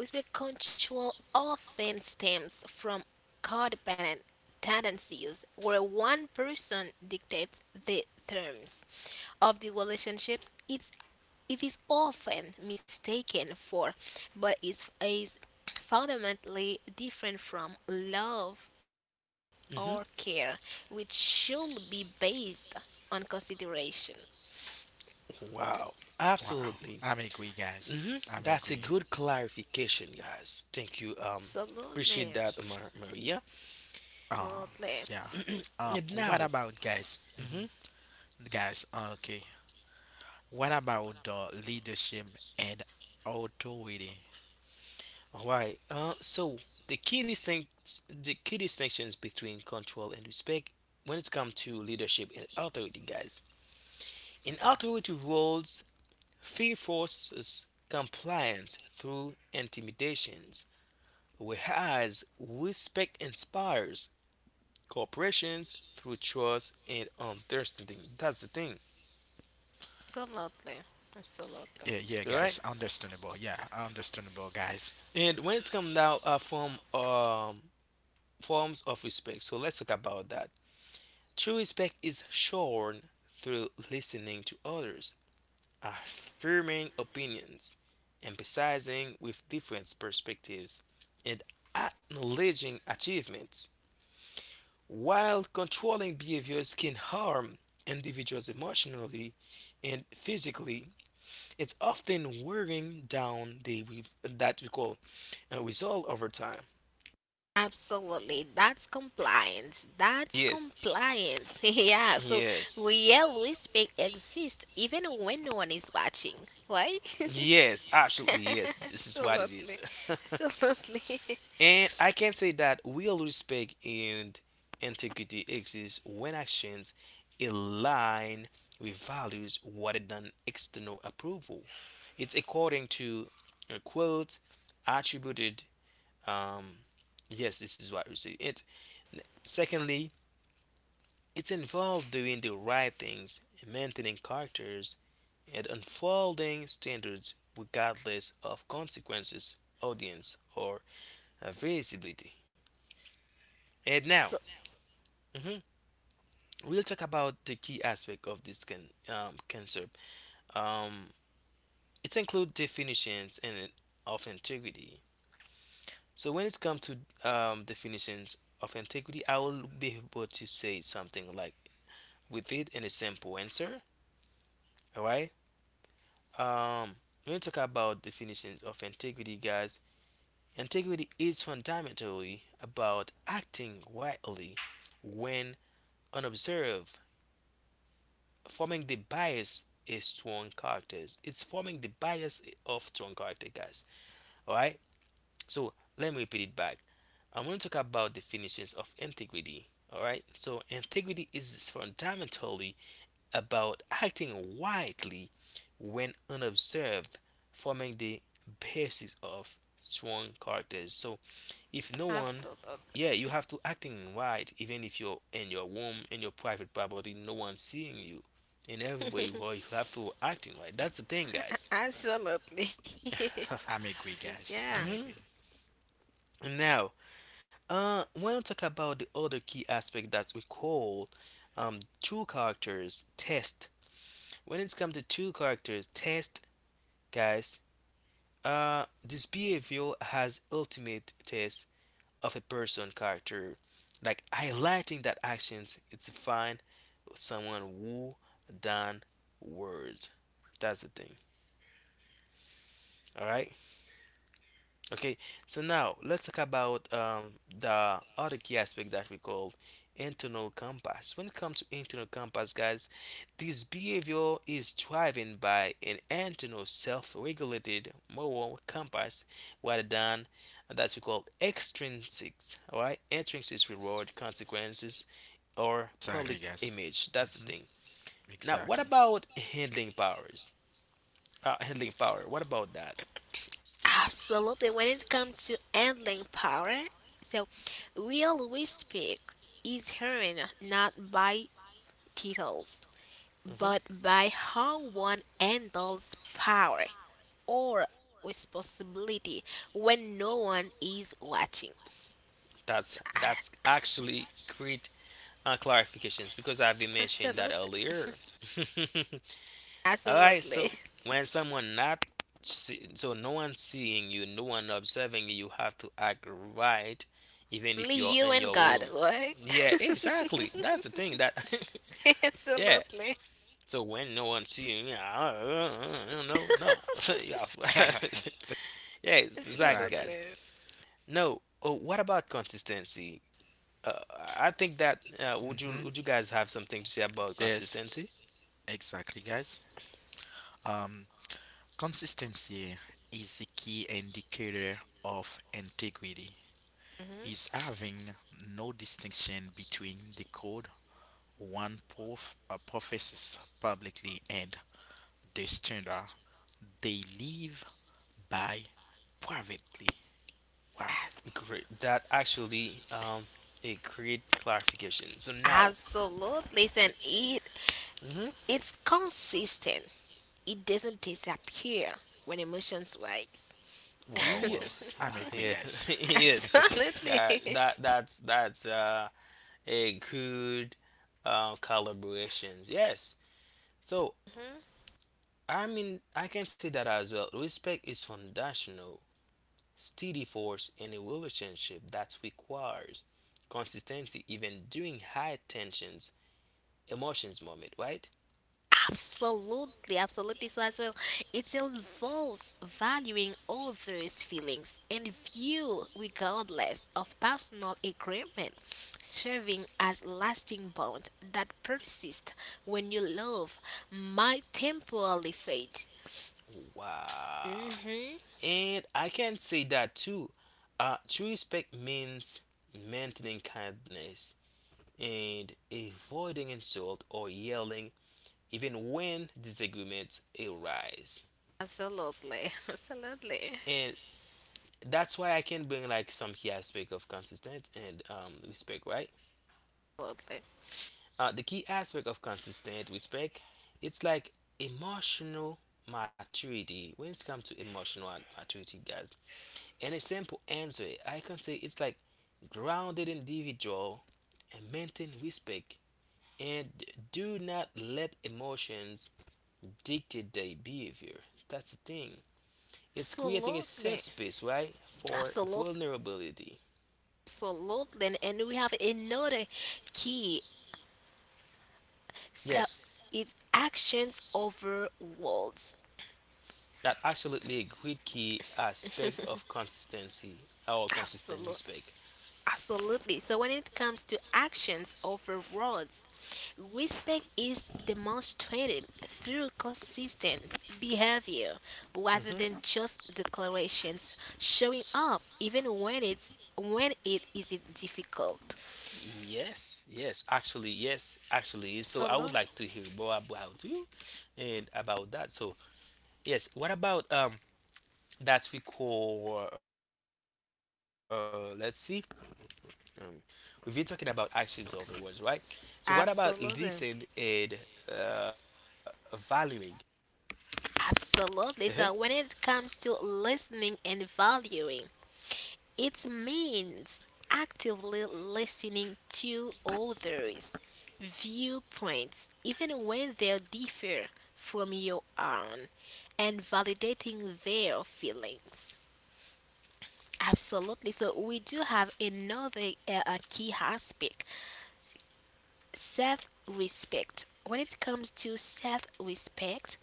Speaker 2: we will control often stems from codependent tendencies where one person dictates the terms of the relationships. It is often mistaken for, but is fundamentally different from love or care,
Speaker 1: hmm.
Speaker 2: which should be based on consideration.
Speaker 1: Wow.
Speaker 3: Wow.
Speaker 1: Absolutely.
Speaker 3: I'm agree, guys.
Speaker 1: Hmm.
Speaker 3: I'm
Speaker 1: That's a
Speaker 3: agree.
Speaker 1: good clarification, guys. Thank you.
Speaker 2: Absolutely.
Speaker 1: Appreciate that, Maria.
Speaker 3: Um.
Speaker 2: Absolutely.
Speaker 3: Yeah.
Speaker 1: And
Speaker 3: What
Speaker 1: now,
Speaker 3: about guys?
Speaker 1: mhm,
Speaker 3: Mhm. Guys. Okay. What about the leadership and authority?
Speaker 1: all right. So the key distinct, the key distinctions between control and respect when it comes to leadership and authority, guys. In
Speaker 3: Mhm.
Speaker 1: authority roles, fear forces compliance through intimidations, whereas respect inspires corporations through trust and understanding. That's the thing,
Speaker 2: Absolutely. Absolutely.
Speaker 3: Yeah. Yeah,
Speaker 1: all right?
Speaker 3: guys. Understandable. Yeah. Understandable, guys.
Speaker 1: And when it's come now from forms of respect, so let's talk about that. True respect is shown through listening to others, affirming opinions, emphasizing with different perspectives, and acknowledging achievements. While controlling behaviors can harm individuals emotionally and physically, it's often wearing down the that we call result over time.
Speaker 2: Absolutely. That's compliance. That's
Speaker 1: Yes,
Speaker 2: compliance. Yeah. So
Speaker 1: yes,
Speaker 2: real respect exists even when no one is watching. Why?
Speaker 1: yes, absolutely, yes. This is what it is.
Speaker 2: Absolutely. Absolutely.
Speaker 1: And I can say that real respect and integrity exists when actions align with values rather than external approval. It's according to a quote attributed. Um, yes, this is what we say. It secondly, it's involved doing the right things, maintaining characters, and unfolding standards regardless of consequences, audience, or visibility. And
Speaker 2: So
Speaker 1: now, mhm, we'll talk about the key aspect of this concept. Um, it includes definitions and of integrity. So when it comes to definitions of integrity, I will be able to say something like with it in a simple answer. All right. Um, when you talk about definitions of integrity, guys, integrity is fundamentally about acting wisely when unobserved, forming the bias is strong characters. It's forming the bias of strong character, guys. All right. So let me repeat it back. I'm going to talk about definitions of integrity. All right. So integrity is fundamentally about acting wildly when unobserved, forming the basis of strong characters. So, if no one, yeah, you
Speaker 2: absolutely.
Speaker 1: have to acting right, even if you're in your room, in your private property, no one seeing you. In every way, well, you have to acting right. That's the thing, guys.
Speaker 2: Absolutely.
Speaker 3: I'm agree,
Speaker 2: Yeah.
Speaker 3: guys. I'm
Speaker 1: Hmm.
Speaker 3: agree.
Speaker 1: Now, when we talk about the other key aspect that we call true characters test. When it's come to true characters test, guys, this behavior has ultimate test of a person character, like highlighting that actions it's define someone who done words. That's the thing. All right. Okay, so now let's talk about the other key aspect that we call internal compass. When it comes to internal compass, guys, this behavior is driven by an internal self-regulated moral compass rather than that we call extrinsic, all right? Intrinsic reward, consequences, or public
Speaker 3: Exactly, guys.
Speaker 1: image. That's the
Speaker 3: Hmm.
Speaker 1: thing. Now, what
Speaker 3: Exactly.
Speaker 1: about handling powers? Handling power. What about that?
Speaker 2: Absolutely. When it comes to handling power, so will we speak is hearing not by titles,
Speaker 1: Mhm.
Speaker 2: but by how one handles power or responsibility when no one is watching.
Speaker 1: That's
Speaker 2: Ah,
Speaker 1: that's actually great clarifications because I've been mentioning that
Speaker 2: absolutely.
Speaker 1: earlier. All right,
Speaker 2: Absolutely.
Speaker 1: so when someone not see, so no one seeing you, no one observing you, you have to act right, even
Speaker 2: Only
Speaker 1: if you're
Speaker 2: you
Speaker 1: in
Speaker 2: and
Speaker 1: your
Speaker 2: God,
Speaker 1: room.
Speaker 2: right?
Speaker 1: Yeah, exactly. That's the thing that yeah.
Speaker 2: Absolutely.
Speaker 1: So when no one seeing you, no, no, you have- yeah, it's- exactly, guys.
Speaker 3: Exactly.
Speaker 2: Absolutely.
Speaker 1: No. Oh, what about consistency? uh, I think that uh, would you
Speaker 3: Hmm.
Speaker 1: would you guys have something to say about
Speaker 3: Yes.
Speaker 1: consistency?
Speaker 3: Exactly, guys. Um, consistency is a key indicator of integrity.
Speaker 2: Mhm.
Speaker 3: Is having no distinction between the code one professes publicly and the standard they live by privately. Wow,
Speaker 1: Great. That actually it create clarification. So now,
Speaker 2: Absolutely. Listen, it
Speaker 1: hmm,
Speaker 2: it's consistent. It doesn't disappear when emotions rise.
Speaker 3: wow, wow!
Speaker 1: yes,
Speaker 3: I'm agree,
Speaker 1: yeah,
Speaker 3: guys.
Speaker 1: yes, that
Speaker 2: Absolutely.
Speaker 1: that that's that's uh a good collaborations. Yes. So
Speaker 2: Mm-hmm.
Speaker 1: I mean I can say that as well. Respect is foundational, steady force in a relationship that requires consistency even during high tensions emotions moment, right?
Speaker 2: Absolutely, absolutely. So as well, it involves valuing others' feelings and view regardless of personal agreement, serving as lasting bond that persists when your love might temporarily fade.
Speaker 1: Wow.
Speaker 2: Hmm.
Speaker 1: And I can say that too. True respect means maintaining kindness and avoiding insult or yelling even when disagreements arise.
Speaker 2: Absolutely. Absolutely.
Speaker 1: And that's why I can bring like some key aspect of consistent and respect, right?
Speaker 2: Absolutely.
Speaker 1: The key aspect of consistent respect, it's like emotional maturity. When it's come to emotional maturity, guys, and a simple answer, I can say it's like grounded individual and maintain respect and do not let emotions dictate their behavior. That's the thing. It's creating a safe space, right, for
Speaker 2: Absolutely. Absolutely.
Speaker 1: vulnerability.
Speaker 2: Absolutely. And- and we have another key. So
Speaker 1: Yes,
Speaker 2: it's actions over words.
Speaker 1: that absolutely a great key aspect of consistency, our consistent
Speaker 2: Absolutely.
Speaker 1: respect.
Speaker 2: Absolutely. So when it comes to actions over words, respect is demonstrated through consistent behavior rather than just declarations, showing up even when it's when it is difficult.
Speaker 1: Yes, yes, actually, yes, actually. So I would
Speaker 2: Absolutely.
Speaker 1: like to hear more about you and about that. So yes, what about that we call let's see um, we've been talking about actions of words, right, so what about listening and
Speaker 2: Absolutely.
Speaker 1: valuing uh-huh.
Speaker 2: Absolutely. So when it comes to listening and valuing, it means actively listening to others' viewpoints, even when they differ from your own, and validating their feelings. Absolutely. So we do have another key aspect self respect. When it comes to self respect,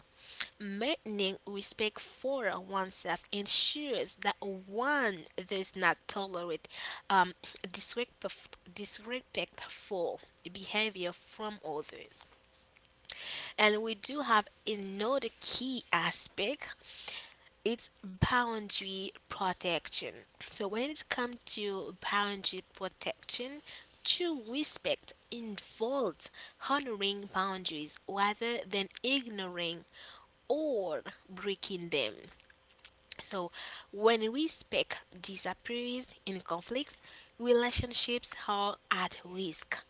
Speaker 2: maintaining respect for oneself ensures that one does not tolerate um, disrespectful behavior from others. And we do have another key aspect, it's boundary protection. So, when it comes to boundary protection, true respect involves honoring boundaries rather than ignoring or breaking them. So, when we speak disappears in conflicts, relationships are at risk,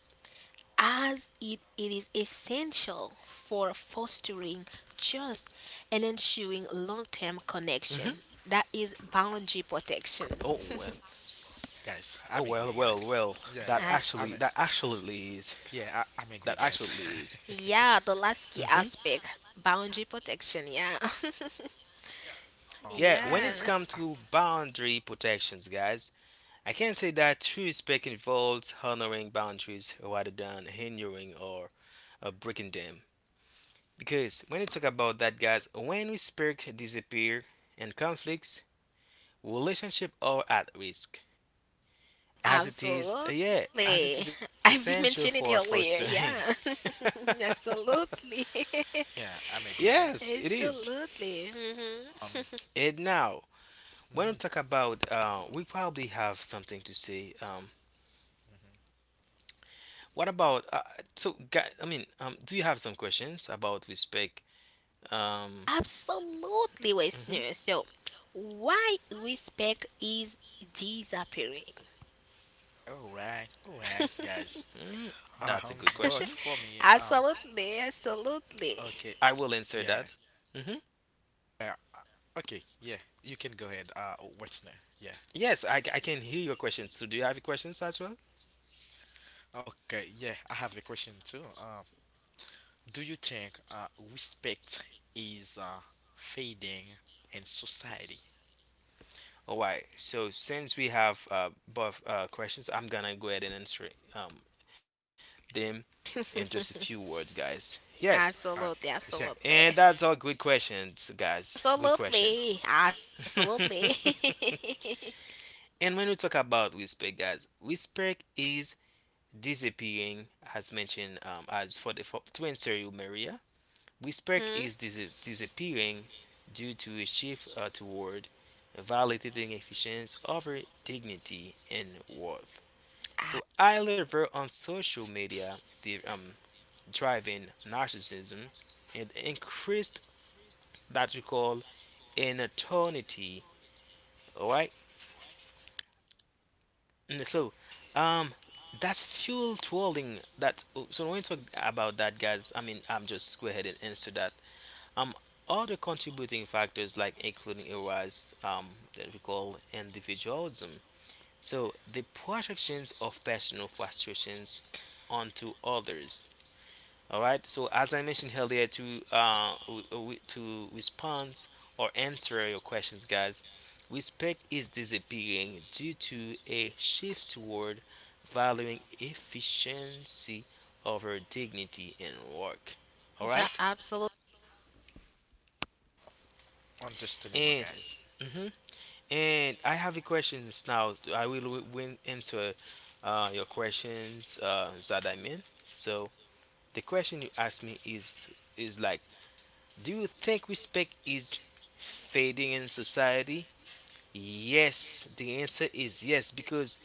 Speaker 2: as it is essential for fostering trust and
Speaker 1: Mhm.
Speaker 2: ensuring long term connection. That is
Speaker 1: Oh, well,
Speaker 2: boundary protection.
Speaker 1: oh well, well,
Speaker 3: Guys,
Speaker 1: well,
Speaker 3: I'm
Speaker 1: that
Speaker 3: agree, guys.
Speaker 1: actually, that
Speaker 3: Yeah, yeah, yeah.
Speaker 2: As-
Speaker 1: actually is that actually
Speaker 3: I'm agree,
Speaker 1: is
Speaker 3: guys.
Speaker 2: yeah,
Speaker 1: hmm,
Speaker 2: the last key aspect boundary protection. Yeah.
Speaker 1: yeah, when it's come
Speaker 3: I
Speaker 2: Yeah.
Speaker 3: have a,
Speaker 1: to
Speaker 3: I,
Speaker 1: boundary protections, guys, I can say that true respect involves honoring boundaries rather than hindering or breaking them. Because when you talk about that, guys, when respect disappear and conflicts, relationship are at risk. As it is, yeah,
Speaker 2: Absolutely.
Speaker 1: as it is
Speaker 2: I've been
Speaker 1: essential
Speaker 2: mentioning it
Speaker 1: for
Speaker 2: earlier.
Speaker 1: fostering.
Speaker 2: Yeah. Absolutely.
Speaker 3: Yeah, I'm agree,
Speaker 1: Yes, it
Speaker 3: guys.
Speaker 1: is.
Speaker 2: Absolutely. Hmm.
Speaker 3: Um,
Speaker 1: And now, when we
Speaker 3: Mhm,
Speaker 1: talk about, we probably have something to say.
Speaker 3: mhm.
Speaker 1: What about? So, guy, I mean, do you have some questions about respect? Um,
Speaker 2: Absolutely, listener.
Speaker 1: mhm.
Speaker 2: So, why respect is disappearing?
Speaker 3: All right, guys.
Speaker 1: Mm, that's a good
Speaker 3: Um,
Speaker 1: question.
Speaker 3: but for me, um,
Speaker 2: Absolutely. Absolutely.
Speaker 3: okay,
Speaker 1: I will answer
Speaker 3: yeah,
Speaker 1: that. Mm-hmm.
Speaker 3: yeah, uh, okay, yeah. You can go ahead. What's next? Yeah.
Speaker 1: Yes, I can hear your questions. So, do you have questions as well?
Speaker 3: Okay, yeah. I have a question too. Do you think respect is fading in society?
Speaker 1: All right. So, since we have both questions, I'm gonna go ahead and answer um, them in just a few words, guys. Yes,
Speaker 3: Okay.
Speaker 2: Absolutely.
Speaker 3: Yeah.
Speaker 1: and that's
Speaker 2: Absolutely.
Speaker 1: all good questions, guys. Good questions.
Speaker 2: Absolutely.
Speaker 1: And
Speaker 2: Absolutely.
Speaker 1: when we talk about respect, guys, respect is disappearing, as mentioned, as for the for, to answer you, Maria. Respect
Speaker 2: Mhm.
Speaker 1: is disappearing due to a shift toward validating efficiency over dignity and worth.
Speaker 2: Ah,
Speaker 1: So high level on social media, the driving narcissism and increased that we call inattentivity. All right, and so um, that's fuel trolling. That oh, so when we talk about that, guys, I mean I'm just go ahead and answer that. Um, Other contributing factors like including a rise that we call individualism. So the projections of personal frustrations onto others. All right. So as I mentioned earlier, to to respond or answer your questions, guys, respect is disappearing due to a shift toward valuing efficiency over dignity in work. All
Speaker 2: the
Speaker 1: right.
Speaker 2: absolute.
Speaker 1: And
Speaker 3: Understandable, guys.
Speaker 1: mhm. And I have a questions now. I will win answer your questions that I mean. So the question you asked me is like, do you think respect is fading in society? Yes, the answer is yes because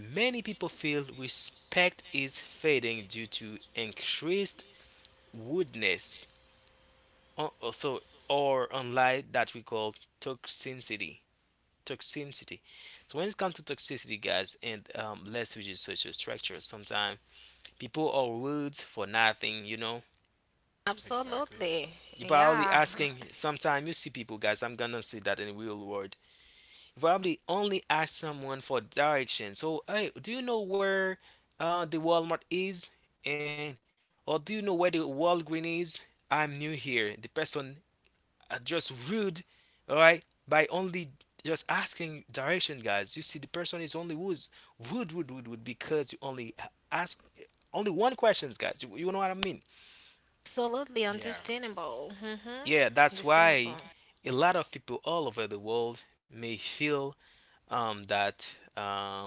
Speaker 1: many people feel respect is fading due to increased rudeness, or also or online that we call toxicity. Toxicity. So when it comes to toxicity, guys, and let's use social structure. Sometimes people are rude for nothing. You know,
Speaker 3: Exactly.
Speaker 2: Absolutely.
Speaker 1: you're probably
Speaker 2: Yeah.
Speaker 1: asking. Sometimes you see people, guys. I'm gonna say that in the real world. You probably only ask someone for direction. So hey, do you know where the Walmart is? And or do you know where the Walgreens is? I'm new here. The person are just rude, all right, by only just asking direction, guys. You see, the person is only who's rude because you only ask only one questions, guys. You know what I mean?
Speaker 2: Absolutely
Speaker 3: Yeah.
Speaker 2: understandable. Mm-hmm.
Speaker 1: Yeah, that's
Speaker 2: Understandable.
Speaker 1: why a lot of people all over the world may feel that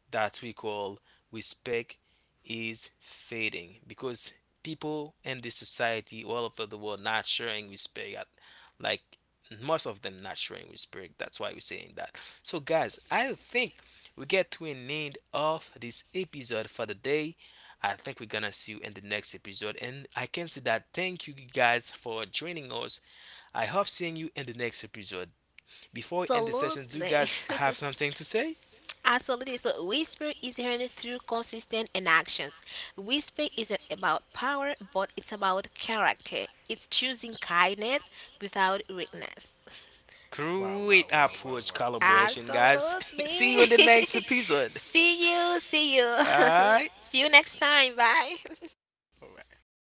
Speaker 1: that we call respect is fading because people in this society all over the world not showing respect at, like most of them not showing respect. That's why we're saying that. So guys, I think we get to an end of this episode for the day. I think we're gonna see you in the next episode and I can say that thank you guys for joining us. I hope seeing you in the next episode. Before we end the session, do you
Speaker 2: Absolutely.
Speaker 1: guys have something to say?
Speaker 2: Absolutely. So, whisper is heard through consistent inactions. Whisper isn't about power, but it's about character. It's choosing kindness without weakness.
Speaker 3: Wow.
Speaker 1: Great
Speaker 3: Wow. Wow.
Speaker 1: approach
Speaker 3: Wow. Wow.
Speaker 1: collaboration,
Speaker 3: Wow.
Speaker 1: guys. See
Speaker 2: Absolutely.
Speaker 1: you in the next episode.
Speaker 2: See you. See you.
Speaker 1: All right.
Speaker 2: See you next time. Bye.
Speaker 3: Wow.